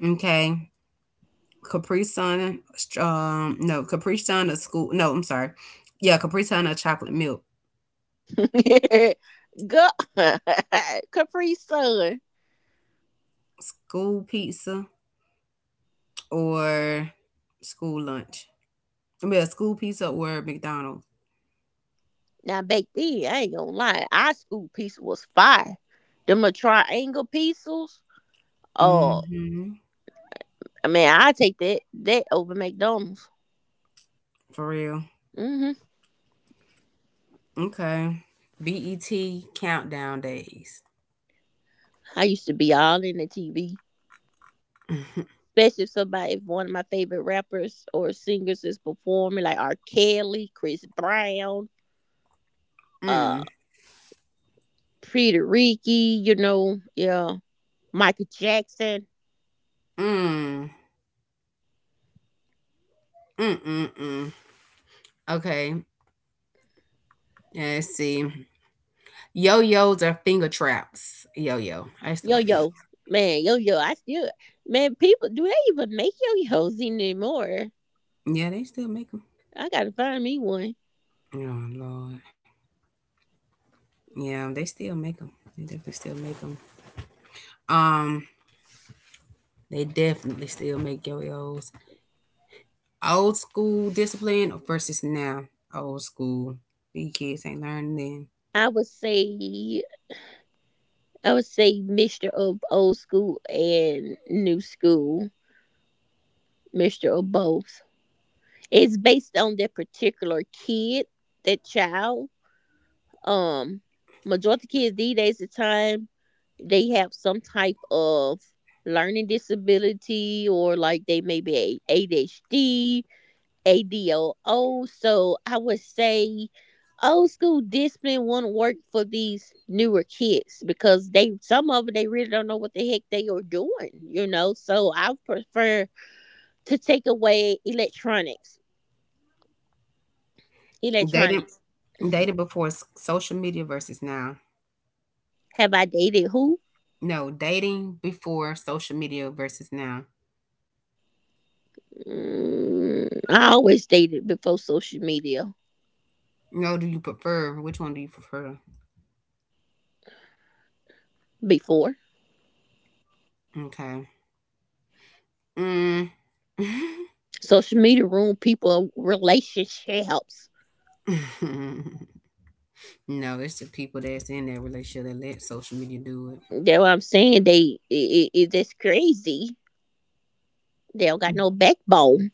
Speaker 1: Okay. Capri Sun. No, Capri Sun or school. No, I'm sorry. Yeah, Capri Sun or chocolate milk.
Speaker 2: Go Capri Sun.
Speaker 1: School pizza or school lunch. Yeah, school pizza or McDonald's.
Speaker 2: Now back then, I ain't gonna lie, our school pizza was fire. Them little triangle pizzas. Oh
Speaker 1: Hmm.
Speaker 2: I mean I take that over McDonald's.
Speaker 1: For real.
Speaker 2: Hmm.
Speaker 1: Okay. BET countdown days.
Speaker 2: I used to be all in the TV,
Speaker 1: mm,
Speaker 2: especially if somebody, if one of my favorite rappers or singers is performing, like R. Kelly, Chris Brown, uh,
Speaker 1: mm,
Speaker 2: Peter Ricky, you know, yeah, Michael Jackson,
Speaker 1: mm, mm, mm, Okay. Let's see. Yo-yos are finger traps. Yo-yo. I used to
Speaker 2: Yo
Speaker 1: like the yo.
Speaker 2: Yo, man, Yo Yo, I still, man, people do they even make Yo Yos anymore?
Speaker 1: Yeah, they still make them.
Speaker 2: I gotta find me one.
Speaker 1: Oh Lord. Yeah, they still make them. They definitely still make them. Um, they definitely still make yo-yos. Old school discipline versus now. Old school. These kids ain't learning
Speaker 2: I would say, I would say, mixture of old school and new school, mixture of both. It's based on that particular kid, that child. Um, majority of kids these days the time they have some type of learning disability or like they may be ADHD, ADOO. So I would say old school discipline won't work for these newer kids because they some of them they really don't know what the heck they are doing, you know. So I prefer to take away electronics.
Speaker 1: then. Dating
Speaker 2: Electronics.
Speaker 1: dating before social media versus now.
Speaker 2: Have I dated who?
Speaker 1: No, dating before social media versus now.
Speaker 2: Mm, I always dated before social media.
Speaker 1: No, do you prefer? Which one do you prefer?
Speaker 2: Before
Speaker 1: Okay. Mm.
Speaker 2: social media ruined people relationships.
Speaker 1: no, it's the people that's in that relationship that let social media do
Speaker 2: That's what I'm saying. It's crazy. They don't
Speaker 1: it.
Speaker 2: got no backbone,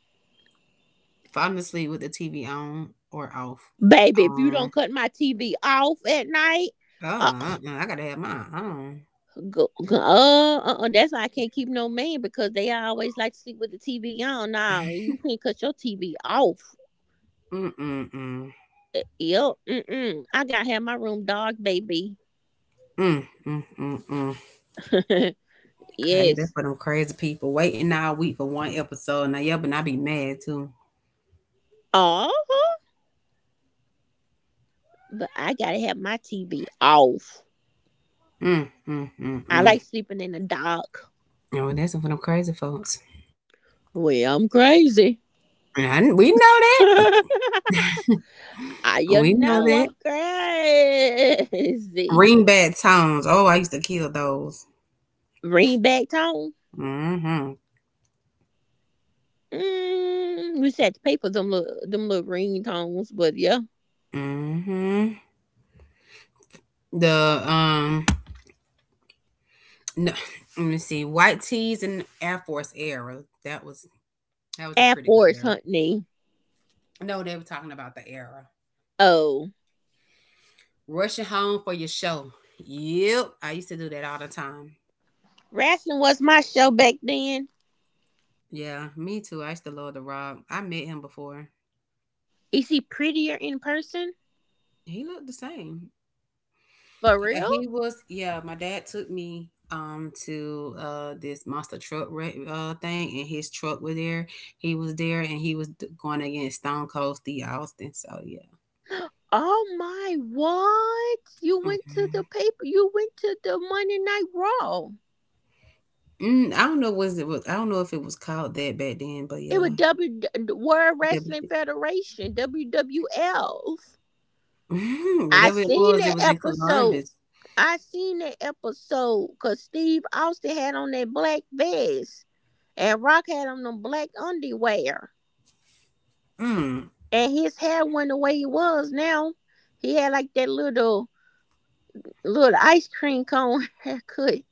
Speaker 1: Falling asleep with the TV on or off.
Speaker 2: baby. If you
Speaker 1: Um.
Speaker 2: don't cut my TV off at night,
Speaker 1: Oh,
Speaker 2: uh,
Speaker 1: uh-uh, I gotta have mine on.
Speaker 2: that's why I can't keep no man because they always like to sleep with the TV on. Nah, you can't cut your TV off.
Speaker 1: Mm, mm,
Speaker 2: Yep. Mm-mm. I gotta have my room dark, baby.
Speaker 1: mm, mm, mm, mm. Crazy.
Speaker 2: Yes.
Speaker 1: For them crazy people. Waiting all week for one episode. Now, yeah, but I be mad too.
Speaker 2: Oh, but I gotta have my TV off.
Speaker 1: Mm, mm, mm,
Speaker 2: I
Speaker 1: mm.
Speaker 2: like sleeping in the dark.
Speaker 1: Oh, that's for them crazy folks.
Speaker 2: Well, I'm crazy.
Speaker 1: And I didn't- we know that. We
Speaker 2: You
Speaker 1: know
Speaker 2: know
Speaker 1: that.
Speaker 2: I'm crazy.
Speaker 1: Ringback tones. Oh, I used to kill those.
Speaker 2: Ring back tone.
Speaker 1: Mm-hmm.
Speaker 2: Mm, we just had to pay for them little ring tones, but yeah.
Speaker 1: Mm-hmm. The, um, no, let me see. White tees and Air Force era. That was a
Speaker 2: Air
Speaker 1: pretty good
Speaker 2: Force
Speaker 1: era.
Speaker 2: hunting.
Speaker 1: No, they were talking about the era.
Speaker 2: Oh,
Speaker 1: Rushing home for your show. Yep. I used to do that all the time.
Speaker 2: wrestling was my show back then.
Speaker 1: Yeah, me too. I used to love the Rob. I met him before.
Speaker 2: Is he prettier in person?
Speaker 1: He looked the same.
Speaker 2: For real?
Speaker 1: Yeah, my dad took me to this monster truck wreck, thing, and his truck was there. He was there, and he was going against Stone Cold Steve Austin. So yeah.
Speaker 2: Oh my, what? You went to the
Speaker 1: Hmm.
Speaker 2: paper. You went to the Monday Night Raw.
Speaker 1: Mm, I don't know, was it was I don't know if it was called that back then, but
Speaker 2: It
Speaker 1: yeah.
Speaker 2: was W World
Speaker 1: That was
Speaker 2: Wrestling
Speaker 1: it.
Speaker 2: Federation, WWF.
Speaker 1: Mhm.
Speaker 2: I
Speaker 1: Whatever
Speaker 2: seen
Speaker 1: it
Speaker 2: that
Speaker 1: was in
Speaker 2: episode.
Speaker 1: Columbus.
Speaker 2: I seen that episode because Steve Austin had on that black vest and Rock had on them black underwear.
Speaker 1: Mm.
Speaker 2: And his hair went the way it was now. He had like that little ice cream cone haircut.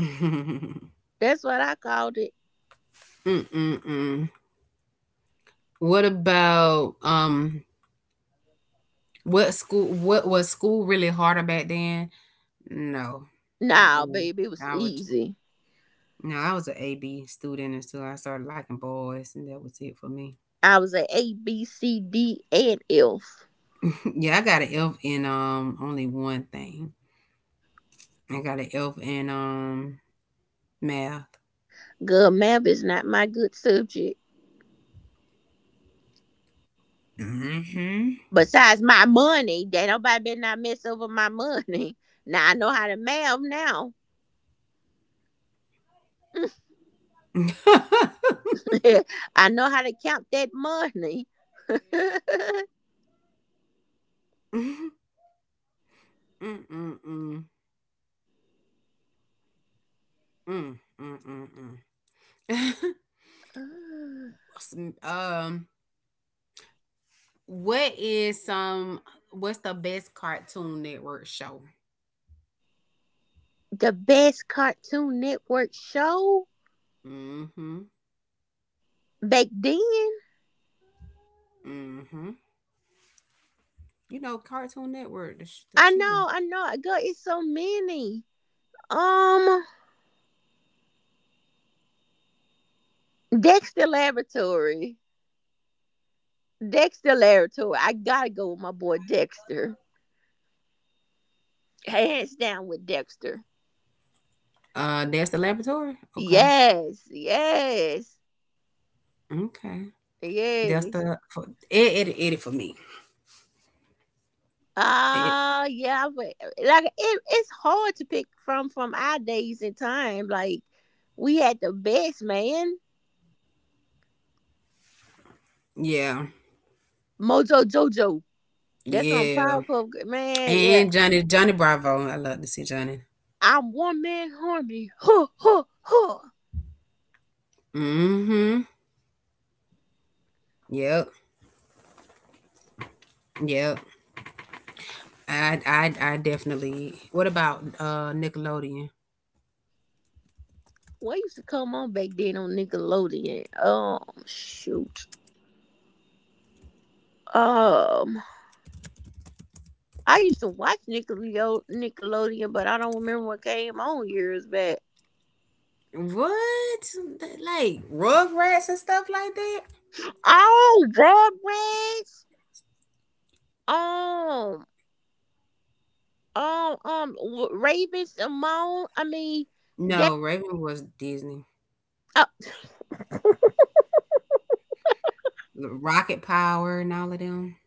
Speaker 2: That's what I called it.
Speaker 1: Mm-mm-mm. What about um what was school really harder back then? No.
Speaker 2: Nah,
Speaker 1: No.
Speaker 2: baby, it was
Speaker 1: I would
Speaker 2: easy.
Speaker 1: no, I was an A B student until I started liking boys, and that was it for me.
Speaker 2: I was at A, B, C, D, and F.
Speaker 1: yeah, I got an F in, only one thing. I got an F in, math.
Speaker 2: Good, math is not my good subject.
Speaker 1: Mm-hmm.
Speaker 2: Besides my money, that nobody better not mess over my money. Now I know how to math now. I know how to count that money. The
Speaker 1: Mm-mm-mm. Mm. Mm-mm-mm. um What is some what's the best Cartoon Network show?
Speaker 2: best Cartoon Network show
Speaker 1: Mm. Mhm.
Speaker 2: back then.
Speaker 1: Mm. Mhm. You know Cartoon Network, the
Speaker 2: I
Speaker 1: TV.
Speaker 2: know, I know. Girl, it's so many. Um, Dexter Laboratory. Dexter Laboratory. I gotta go with my boy Dexter. Hands down with Dexter.
Speaker 1: That's the laboratory? Okay.
Speaker 2: Yes, yes,
Speaker 1: Okay. That's the
Speaker 2: yes.
Speaker 1: it for me. It,
Speaker 2: Ah, yeah. But like, it, it's hard to pick from our days and time. Like, we had the best man,
Speaker 1: yeah.
Speaker 2: Mojo Jojo. That's on
Speaker 1: Yeah.
Speaker 2: Powerpuff Girl- Man. Yeah,
Speaker 1: And Johnny Bravo. I love to see Johnny.
Speaker 2: I'm one man army. Huh, huh, huh.
Speaker 1: Mm-hmm. Yep. Yep. I definitely. What about Nickelodeon?
Speaker 2: What used to come on back then on Nickelodeon? Shoot. Um, I used to watch Nickelodeon, but I don't remember what came on years back.
Speaker 1: What? Like Rugrats and stuff like that?
Speaker 2: Oh, Rugrats. Um, Raven Simone. I mean, that.
Speaker 1: No, Raven was Disney.
Speaker 2: Uh,
Speaker 1: Rocket Power and all of them.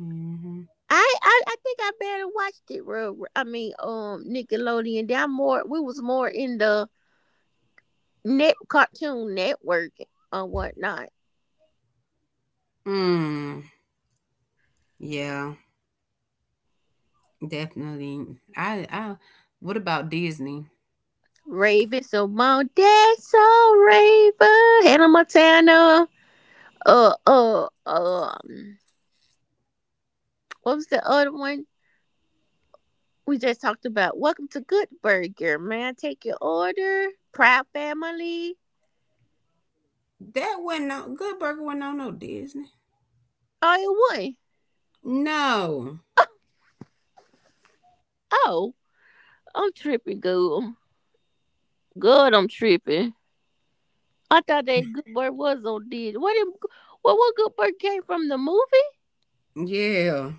Speaker 1: Mhm.
Speaker 2: I think I better watched it. Nickelodeon. That more. We was more in the net cartoon network or whatnot.
Speaker 1: Mm. Yeah, definitely. I what about Disney?
Speaker 2: Raven Simone. That's so Raven. Hannah Montana. Uh, uh, um, what was the other one? We just talked about Welcome to Good Burger. May I take your order? Proud family.
Speaker 1: That wasn't no Good Burger wasn't on no Disney.
Speaker 2: Oh, it would.
Speaker 1: No.
Speaker 2: Oh, I'm tripping, girl. God, I'm tripping. I thought that Good Burger was on did. What what Good Burger came from the movie?
Speaker 1: Yeah.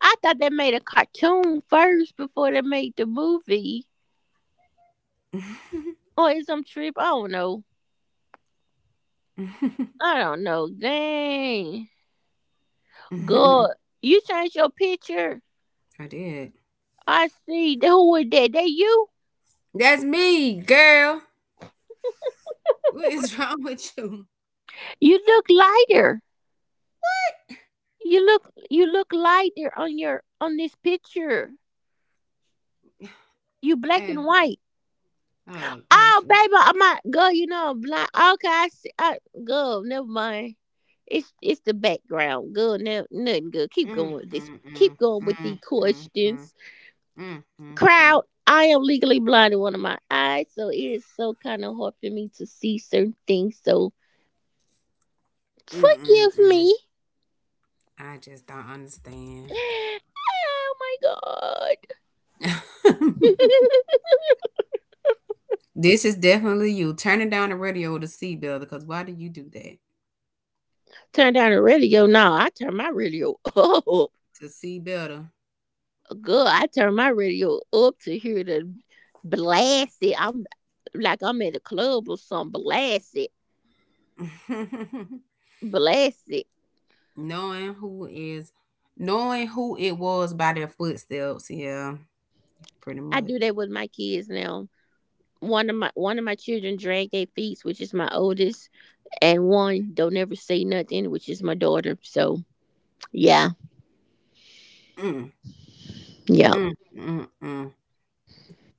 Speaker 2: I thought they made a cartoon first before they made the movie. Or is some trip? I don't know. I don't know. Dang. God. You changed your picture.
Speaker 1: I did.
Speaker 2: I see. Who was that? That you?
Speaker 1: That's me, girl. What is wrong with you?
Speaker 2: You look lighter. You look lighter on your on this picture. You black
Speaker 1: Eh,
Speaker 2: and white.
Speaker 1: oh,
Speaker 2: Oh,
Speaker 1: Ashley.
Speaker 2: baby, I'm not girl. You know I'm blind. Okay, I see. Girl, never mind. It's the background. Girl, no, nothing good. Keep
Speaker 1: Mm,
Speaker 2: going with this.
Speaker 1: mm, mm,
Speaker 2: Keep going with
Speaker 1: mm,
Speaker 2: the
Speaker 1: mm, mm,
Speaker 2: questions.
Speaker 1: mm, mm, mm,
Speaker 2: Crowd, I am legally blind in one of my eyes, so it is so kind of hard for me to see certain things. So
Speaker 1: mm, mm,
Speaker 2: forgive
Speaker 1: mm.
Speaker 2: me.
Speaker 1: I just don't understand.
Speaker 2: Oh my god.
Speaker 1: this is definitely you turning down the radio to see better. Because why do you do that
Speaker 2: Turn down the radio. No, I turn my radio up.
Speaker 1: to see better?
Speaker 2: Girl, I turn my radio up to hear the blast it. I'm like I'm at a club or something. Blast it. Blast it.
Speaker 1: knowing who is, knowing who it was by their footsteps. Yeah, pretty
Speaker 2: I
Speaker 1: much.
Speaker 2: do that with my kids now. One of my children drag their feet, which is my oldest, and one don't ever say nothing, which is my daughter. So yeah,
Speaker 1: Mm,
Speaker 2: yeah.
Speaker 1: mm, mm, mm.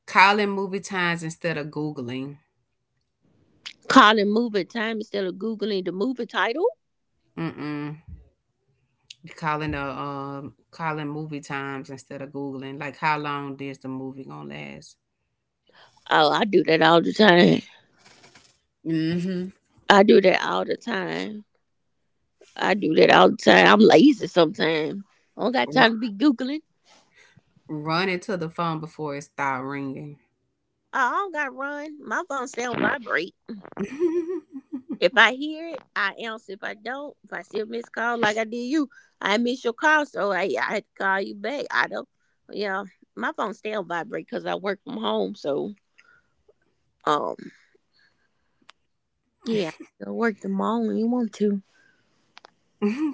Speaker 1: Calling movie times instead of googling.
Speaker 2: Calling movie time instead of googling the movie title.
Speaker 1: Mm-mm. Calling the, calling movie times instead of googling. Like how long is the movie gonna last?
Speaker 2: Oh, I do that all the time.
Speaker 1: Mm-hmm.
Speaker 2: I do that all the time. I do that all the time. I'm lazy sometimes. I don't got time to be googling.
Speaker 1: Running to the phone before it started ringing.
Speaker 2: I all gotta run. My phone still vibrate. If I hear it, I answer. If I don't, if I see a missed call like I did you, I miss your call, so I had to call you back. I don't. Yeah, my phone still vibrate because I work from home. So um, yeah, I work from home when you want to.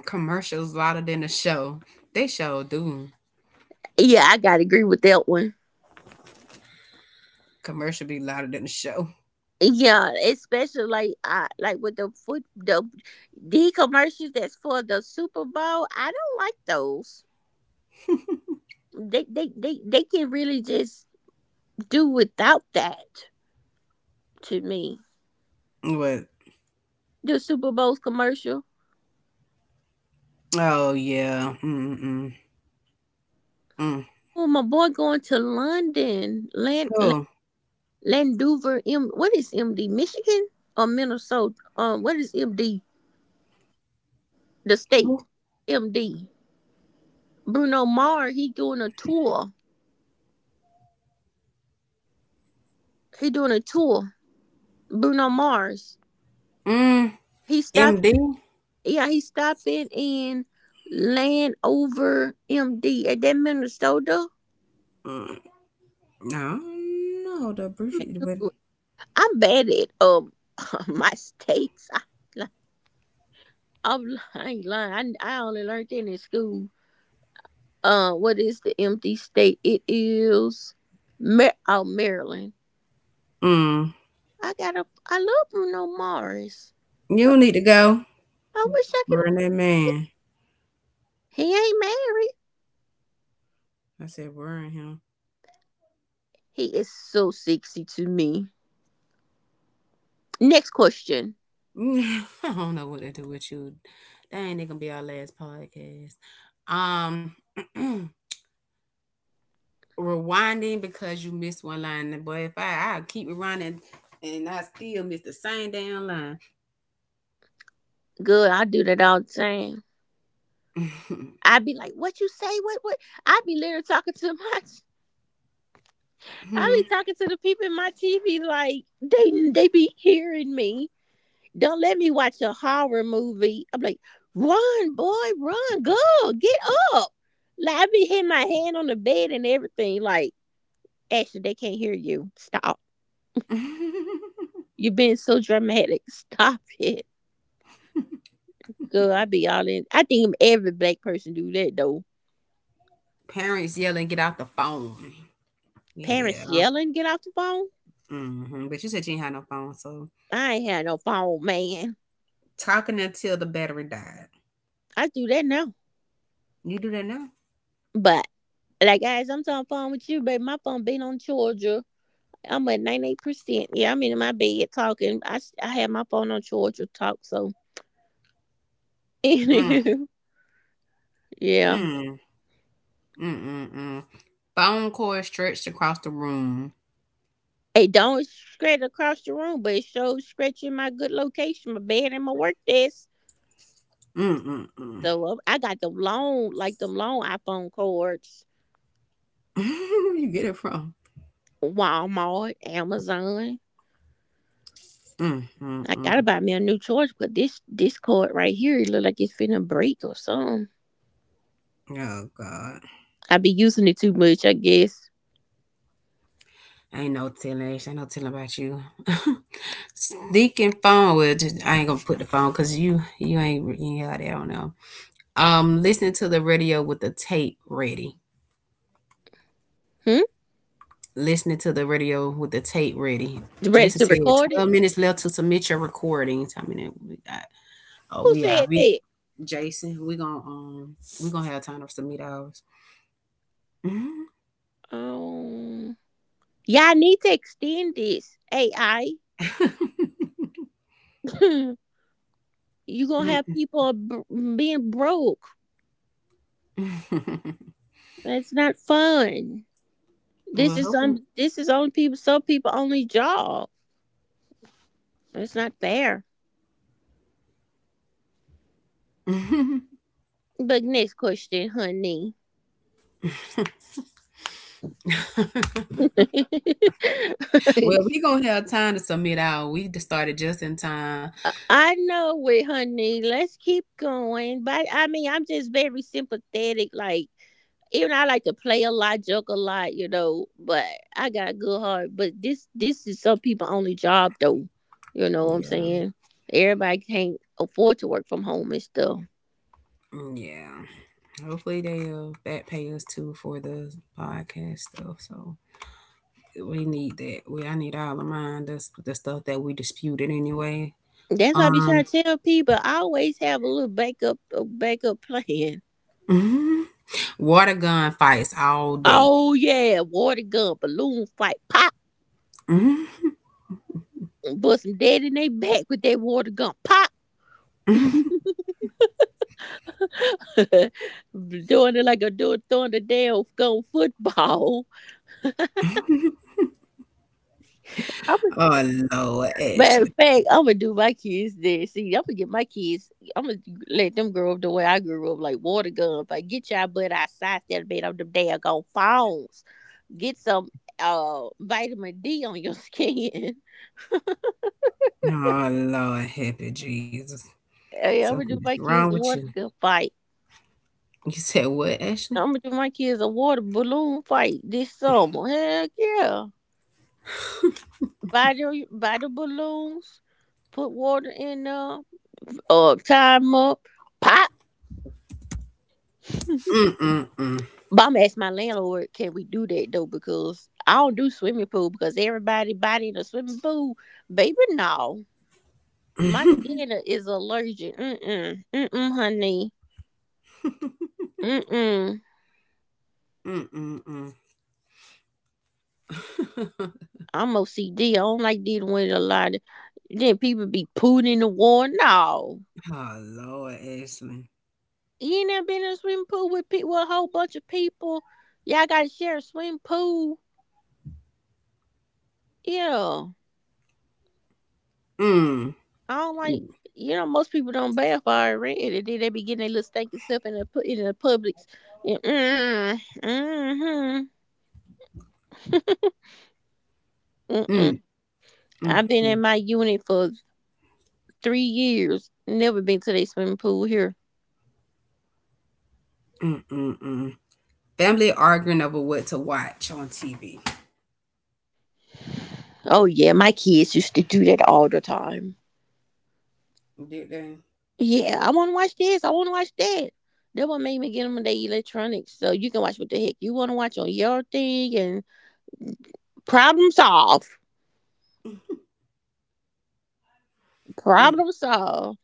Speaker 1: Commercials louder than the show. They show do.
Speaker 2: Yeah, I gotta agree with that one.
Speaker 1: Commercial be louder than the show.
Speaker 2: Yeah, especially like I like with the commercials that's for the Super Bowl. I don't like those. They can really just do without that to me.
Speaker 1: But
Speaker 2: The Super Bowl's commercial.
Speaker 1: oh yeah. Mm-mm. Mm.
Speaker 2: Oh, my boy going to London, Land, Land
Speaker 1: Who?
Speaker 2: Landover, M. What is MD? Michigan or Minnesota? What is MD? The state,
Speaker 1: Who?
Speaker 2: MD. Bruno Mars. He doing a tour. He doing a tour. Bruno Mars.
Speaker 1: Mm.
Speaker 2: He stopped.
Speaker 1: MD?
Speaker 2: Yeah, he stopping in Landover, MD. At that Minnesota.
Speaker 1: Mm. No, no, the briefy but
Speaker 2: I'm bad at my states. I'm I ain't lying. I only learned that in school. What is the empty state? It is oh, Maryland.
Speaker 1: mm.
Speaker 2: I got a. I love Bruno Mars.
Speaker 1: You
Speaker 2: I,
Speaker 1: don't need to go.
Speaker 2: I wish I
Speaker 1: Burn
Speaker 2: could.
Speaker 1: that man.
Speaker 2: He ain't married.
Speaker 1: I said burn him.
Speaker 2: He is so sexy to me. Next question.
Speaker 1: I don't know what to do with you. That ain't gonna be our last podcast. Um Rewinding because you missed one line. But if I keep rewinding and I still miss the same damn line.
Speaker 2: Good. I do that all the time. I be like, "What you say? What? What?" I be literally talking to my. I be talking to the people in my TV like they be hearing me. Don't let me watch a horror movie. I'm like, run, boy, run, go, get up. Like I be hitting my hand on the bed and everything. Like, Ashley, they can't hear you. Stop. You've been so dramatic. Stop it. Girl, I be all in. I think every black person do that though.
Speaker 1: Parents yelling, get out the phone.
Speaker 2: Parents
Speaker 1: Yeah.
Speaker 2: yelling, get off the phone.
Speaker 1: Hmm. But you said you ain't had no phone, so
Speaker 2: I ain't had no phone, man.
Speaker 1: talking until the battery died.
Speaker 2: I do that now.
Speaker 1: You do that now?
Speaker 2: But like guys, I'm on the phone with you, baby. My phone been on Georgia. I'm at 98%. Yeah, I'm in my bed talking. I had my phone on charge to talk, so.
Speaker 1: Mm,
Speaker 2: Anywho, yeah.
Speaker 1: mm, mm, mm, mm. Phone cord stretched across the room.
Speaker 2: It don't spread across the room, but it shows stretching my good location, my bed and my work desk.
Speaker 1: Mm, mm, mm.
Speaker 2: So I got them long, like them long iPhone cords,
Speaker 1: you get it from?
Speaker 2: Walmart, Amazon.
Speaker 1: Mm, mm,
Speaker 2: I gotta
Speaker 1: mm.
Speaker 2: buy me a new charge, but this cord right here, it look like it's finna break or something.
Speaker 1: Oh God.
Speaker 2: I be using it too much, I guess.
Speaker 1: Ain't no telling. Actually, ain't no telling about you. Sneaking phone. Well, just I ain't gonna put the phone because you ain't you got it. I don't know. Listening to the radio with the tape ready.
Speaker 2: Hmm?
Speaker 1: Listening to the radio with the tape ready.
Speaker 2: You ready
Speaker 1: Jason
Speaker 2: to
Speaker 1: said
Speaker 2: record it?
Speaker 1: 12 minutes left to submit your recordings. I mean, we got oh
Speaker 2: Who
Speaker 1: we are
Speaker 2: said
Speaker 1: we
Speaker 2: that?
Speaker 1: Jason. We gonna have time to submit ours. Mhm.
Speaker 2: Oh. Y'all need to extend this AI. You gonna have people being broke. That's not fun. This is
Speaker 1: Well,
Speaker 2: some. This is only people. Some people only job. It's not fair.
Speaker 1: hoping.
Speaker 2: But next question, honey.
Speaker 1: Well, we gonna have time to submit out. We just started just in time.
Speaker 2: I know it, honey. Let's keep going. But I mean, I'm just very sympathetic. Like, even I like to play a lot, joke a lot, you know. But I got a good heart. But this is some people only job though. You know what I'm
Speaker 1: Yeah,
Speaker 2: saying? Everybody can't afford to work from home and stuff.
Speaker 1: mm, yeah. Hopefully they back pay us too for the podcast stuff. So we need that. We I need all of mine. That's the stuff that we disputed anyway.
Speaker 2: That's why I be trying
Speaker 1: Um,
Speaker 2: to tell people. I always have a backup plan.
Speaker 1: mhm. Water gun fights all day.
Speaker 2: Oh yeah, water gun, balloon fight, pop,
Speaker 1: Mhm,
Speaker 2: and bust some dead in their back with that water gun, pop.
Speaker 1: mhm,
Speaker 2: Doing it like a do throwing the damn gum football.
Speaker 1: mhm.
Speaker 2: I'm a,
Speaker 1: oh Lord,
Speaker 2: matter of
Speaker 1: Ashley.
Speaker 2: fact, I'm gonna do my kids this. See, I'm gonna get my kids. I'm gonna let them grow up the way I grew up, like water guns. Like get your butt outside, that bed on them damn gone phones. Get some vitamin D on your skin.
Speaker 1: Oh Lord, happy Jesus.
Speaker 2: Hey, I'm gonna
Speaker 1: Something is
Speaker 2: do my
Speaker 1: wrong
Speaker 2: kids a
Speaker 1: with
Speaker 2: water
Speaker 1: you.
Speaker 2: gun fight.
Speaker 1: You said what, Ashley?
Speaker 2: I'm gonna do my kids a water balloon fight this summer. Heck yeah. Buy the balloons, put water in them, tie 'em up, pop.
Speaker 1: Mm, mm,
Speaker 2: But I'm ask my landlord, can we do that though? Because I don't do swimming pool because everybody body in a swimming pool, baby. No, my
Speaker 1: mm.
Speaker 2: skin is allergic. Mm mm mm mm, honey. Mm mm.
Speaker 1: Mm-mm-mm.
Speaker 2: I'm OCD. I don't like dealing with a lot of. Then people be pooing in the water. No,
Speaker 1: Oh, Lord, Ashley.
Speaker 2: you ain't never been in a swimming pool with people, with a whole bunch of people. Y'all gotta share a swimming pool. Yeah,
Speaker 1: Mm.
Speaker 2: I don't like.
Speaker 1: Mm.
Speaker 2: You know, most people don't bath already. Then they be getting their little stinking self in the Publix. And mm, mm-hmm, mm-mm.
Speaker 1: Mm. Mm.
Speaker 2: I've been in my unit for three years. Never been to their swimming pool here.
Speaker 1: Mm. Mm, mm. Family arguing over what to watch on TV.
Speaker 2: Oh yeah, my kids used to do that all the time.
Speaker 1: Did they?
Speaker 2: Yeah, I want to watch this. I want to watch that. That what made me get them their electronics, so you can watch what the heck you want to watch on your thing and problem solve.
Speaker 1: Mm.
Speaker 2: Problem solve.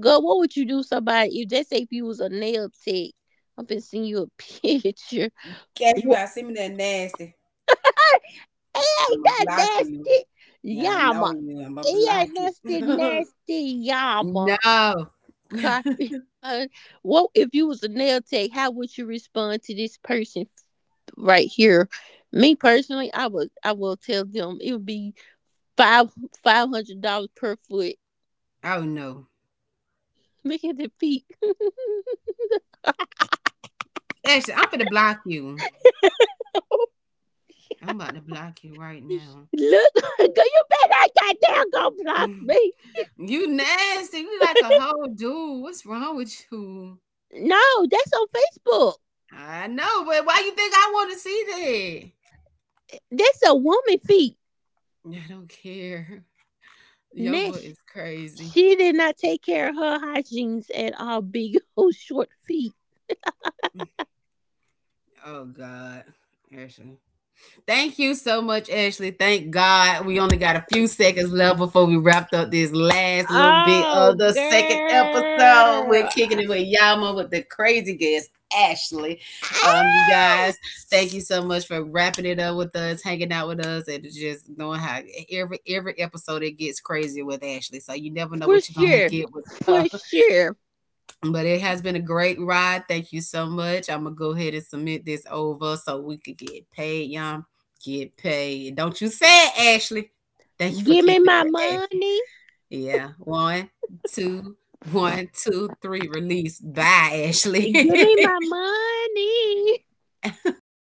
Speaker 2: Girl, what would you do somebody if they say if you was a nail tech? I'm finna send you a picture.
Speaker 1: Cash, you
Speaker 2: Well,
Speaker 1: gotta send me that nasty. I'ma
Speaker 2: it ain't
Speaker 1: block
Speaker 2: that
Speaker 1: you.
Speaker 2: nasty.
Speaker 1: Yeah, I know
Speaker 2: Yama.
Speaker 1: you. I'ma
Speaker 2: It
Speaker 1: block
Speaker 2: ain't
Speaker 1: it.
Speaker 2: nasty, nasty yama.
Speaker 1: No.
Speaker 2: Copy. Uh, what if you was a nail tech, how would you respond to this person right here? Me personally, I will tell them it would be five five hundred dollars per foot.
Speaker 1: Oh no.
Speaker 2: Look at the feet.
Speaker 1: Ashley, I'm gonna block you. I'm about to block you right now.
Speaker 2: Look, girl, you better not goddamn go block me.
Speaker 1: You nasty. You like a whole dude. What's wrong with you?
Speaker 2: No, that's on Facebook.
Speaker 1: I know, but why you think I want to see
Speaker 2: That's a woman feet.
Speaker 1: that? I don't care. Your book
Speaker 2: Next,
Speaker 1: is crazy.
Speaker 2: she did not take care of her hygienes at all. Big old short feet.
Speaker 1: Oh God, Ashley. Thank you so much, Ashley. Thank God we only got a few seconds left before we wrapped up this last little bit
Speaker 2: Oh,
Speaker 1: of the second episode. We're
Speaker 2: girl.
Speaker 1: kicking it with Yama with the crazy guest, Ashley. You guys, thank you so much for wrapping it up with us, hanging out with us, and just knowing how every episode it gets crazy with Ashley. So you never know
Speaker 2: For
Speaker 1: what you're gonna
Speaker 2: sure.
Speaker 1: get with her.
Speaker 2: For sure.
Speaker 1: But it has been a great ride. Thank you so much. I'm gonna go ahead and submit this over so we could get paid, y'all. Get paid. Don't you say it, Ashley. Thank you for
Speaker 2: Give me
Speaker 1: kicking it
Speaker 2: my
Speaker 1: with Ashley.
Speaker 2: money.
Speaker 1: Yeah. One, two, one, two, three, release. Bye, Ashley.
Speaker 2: Give me my money.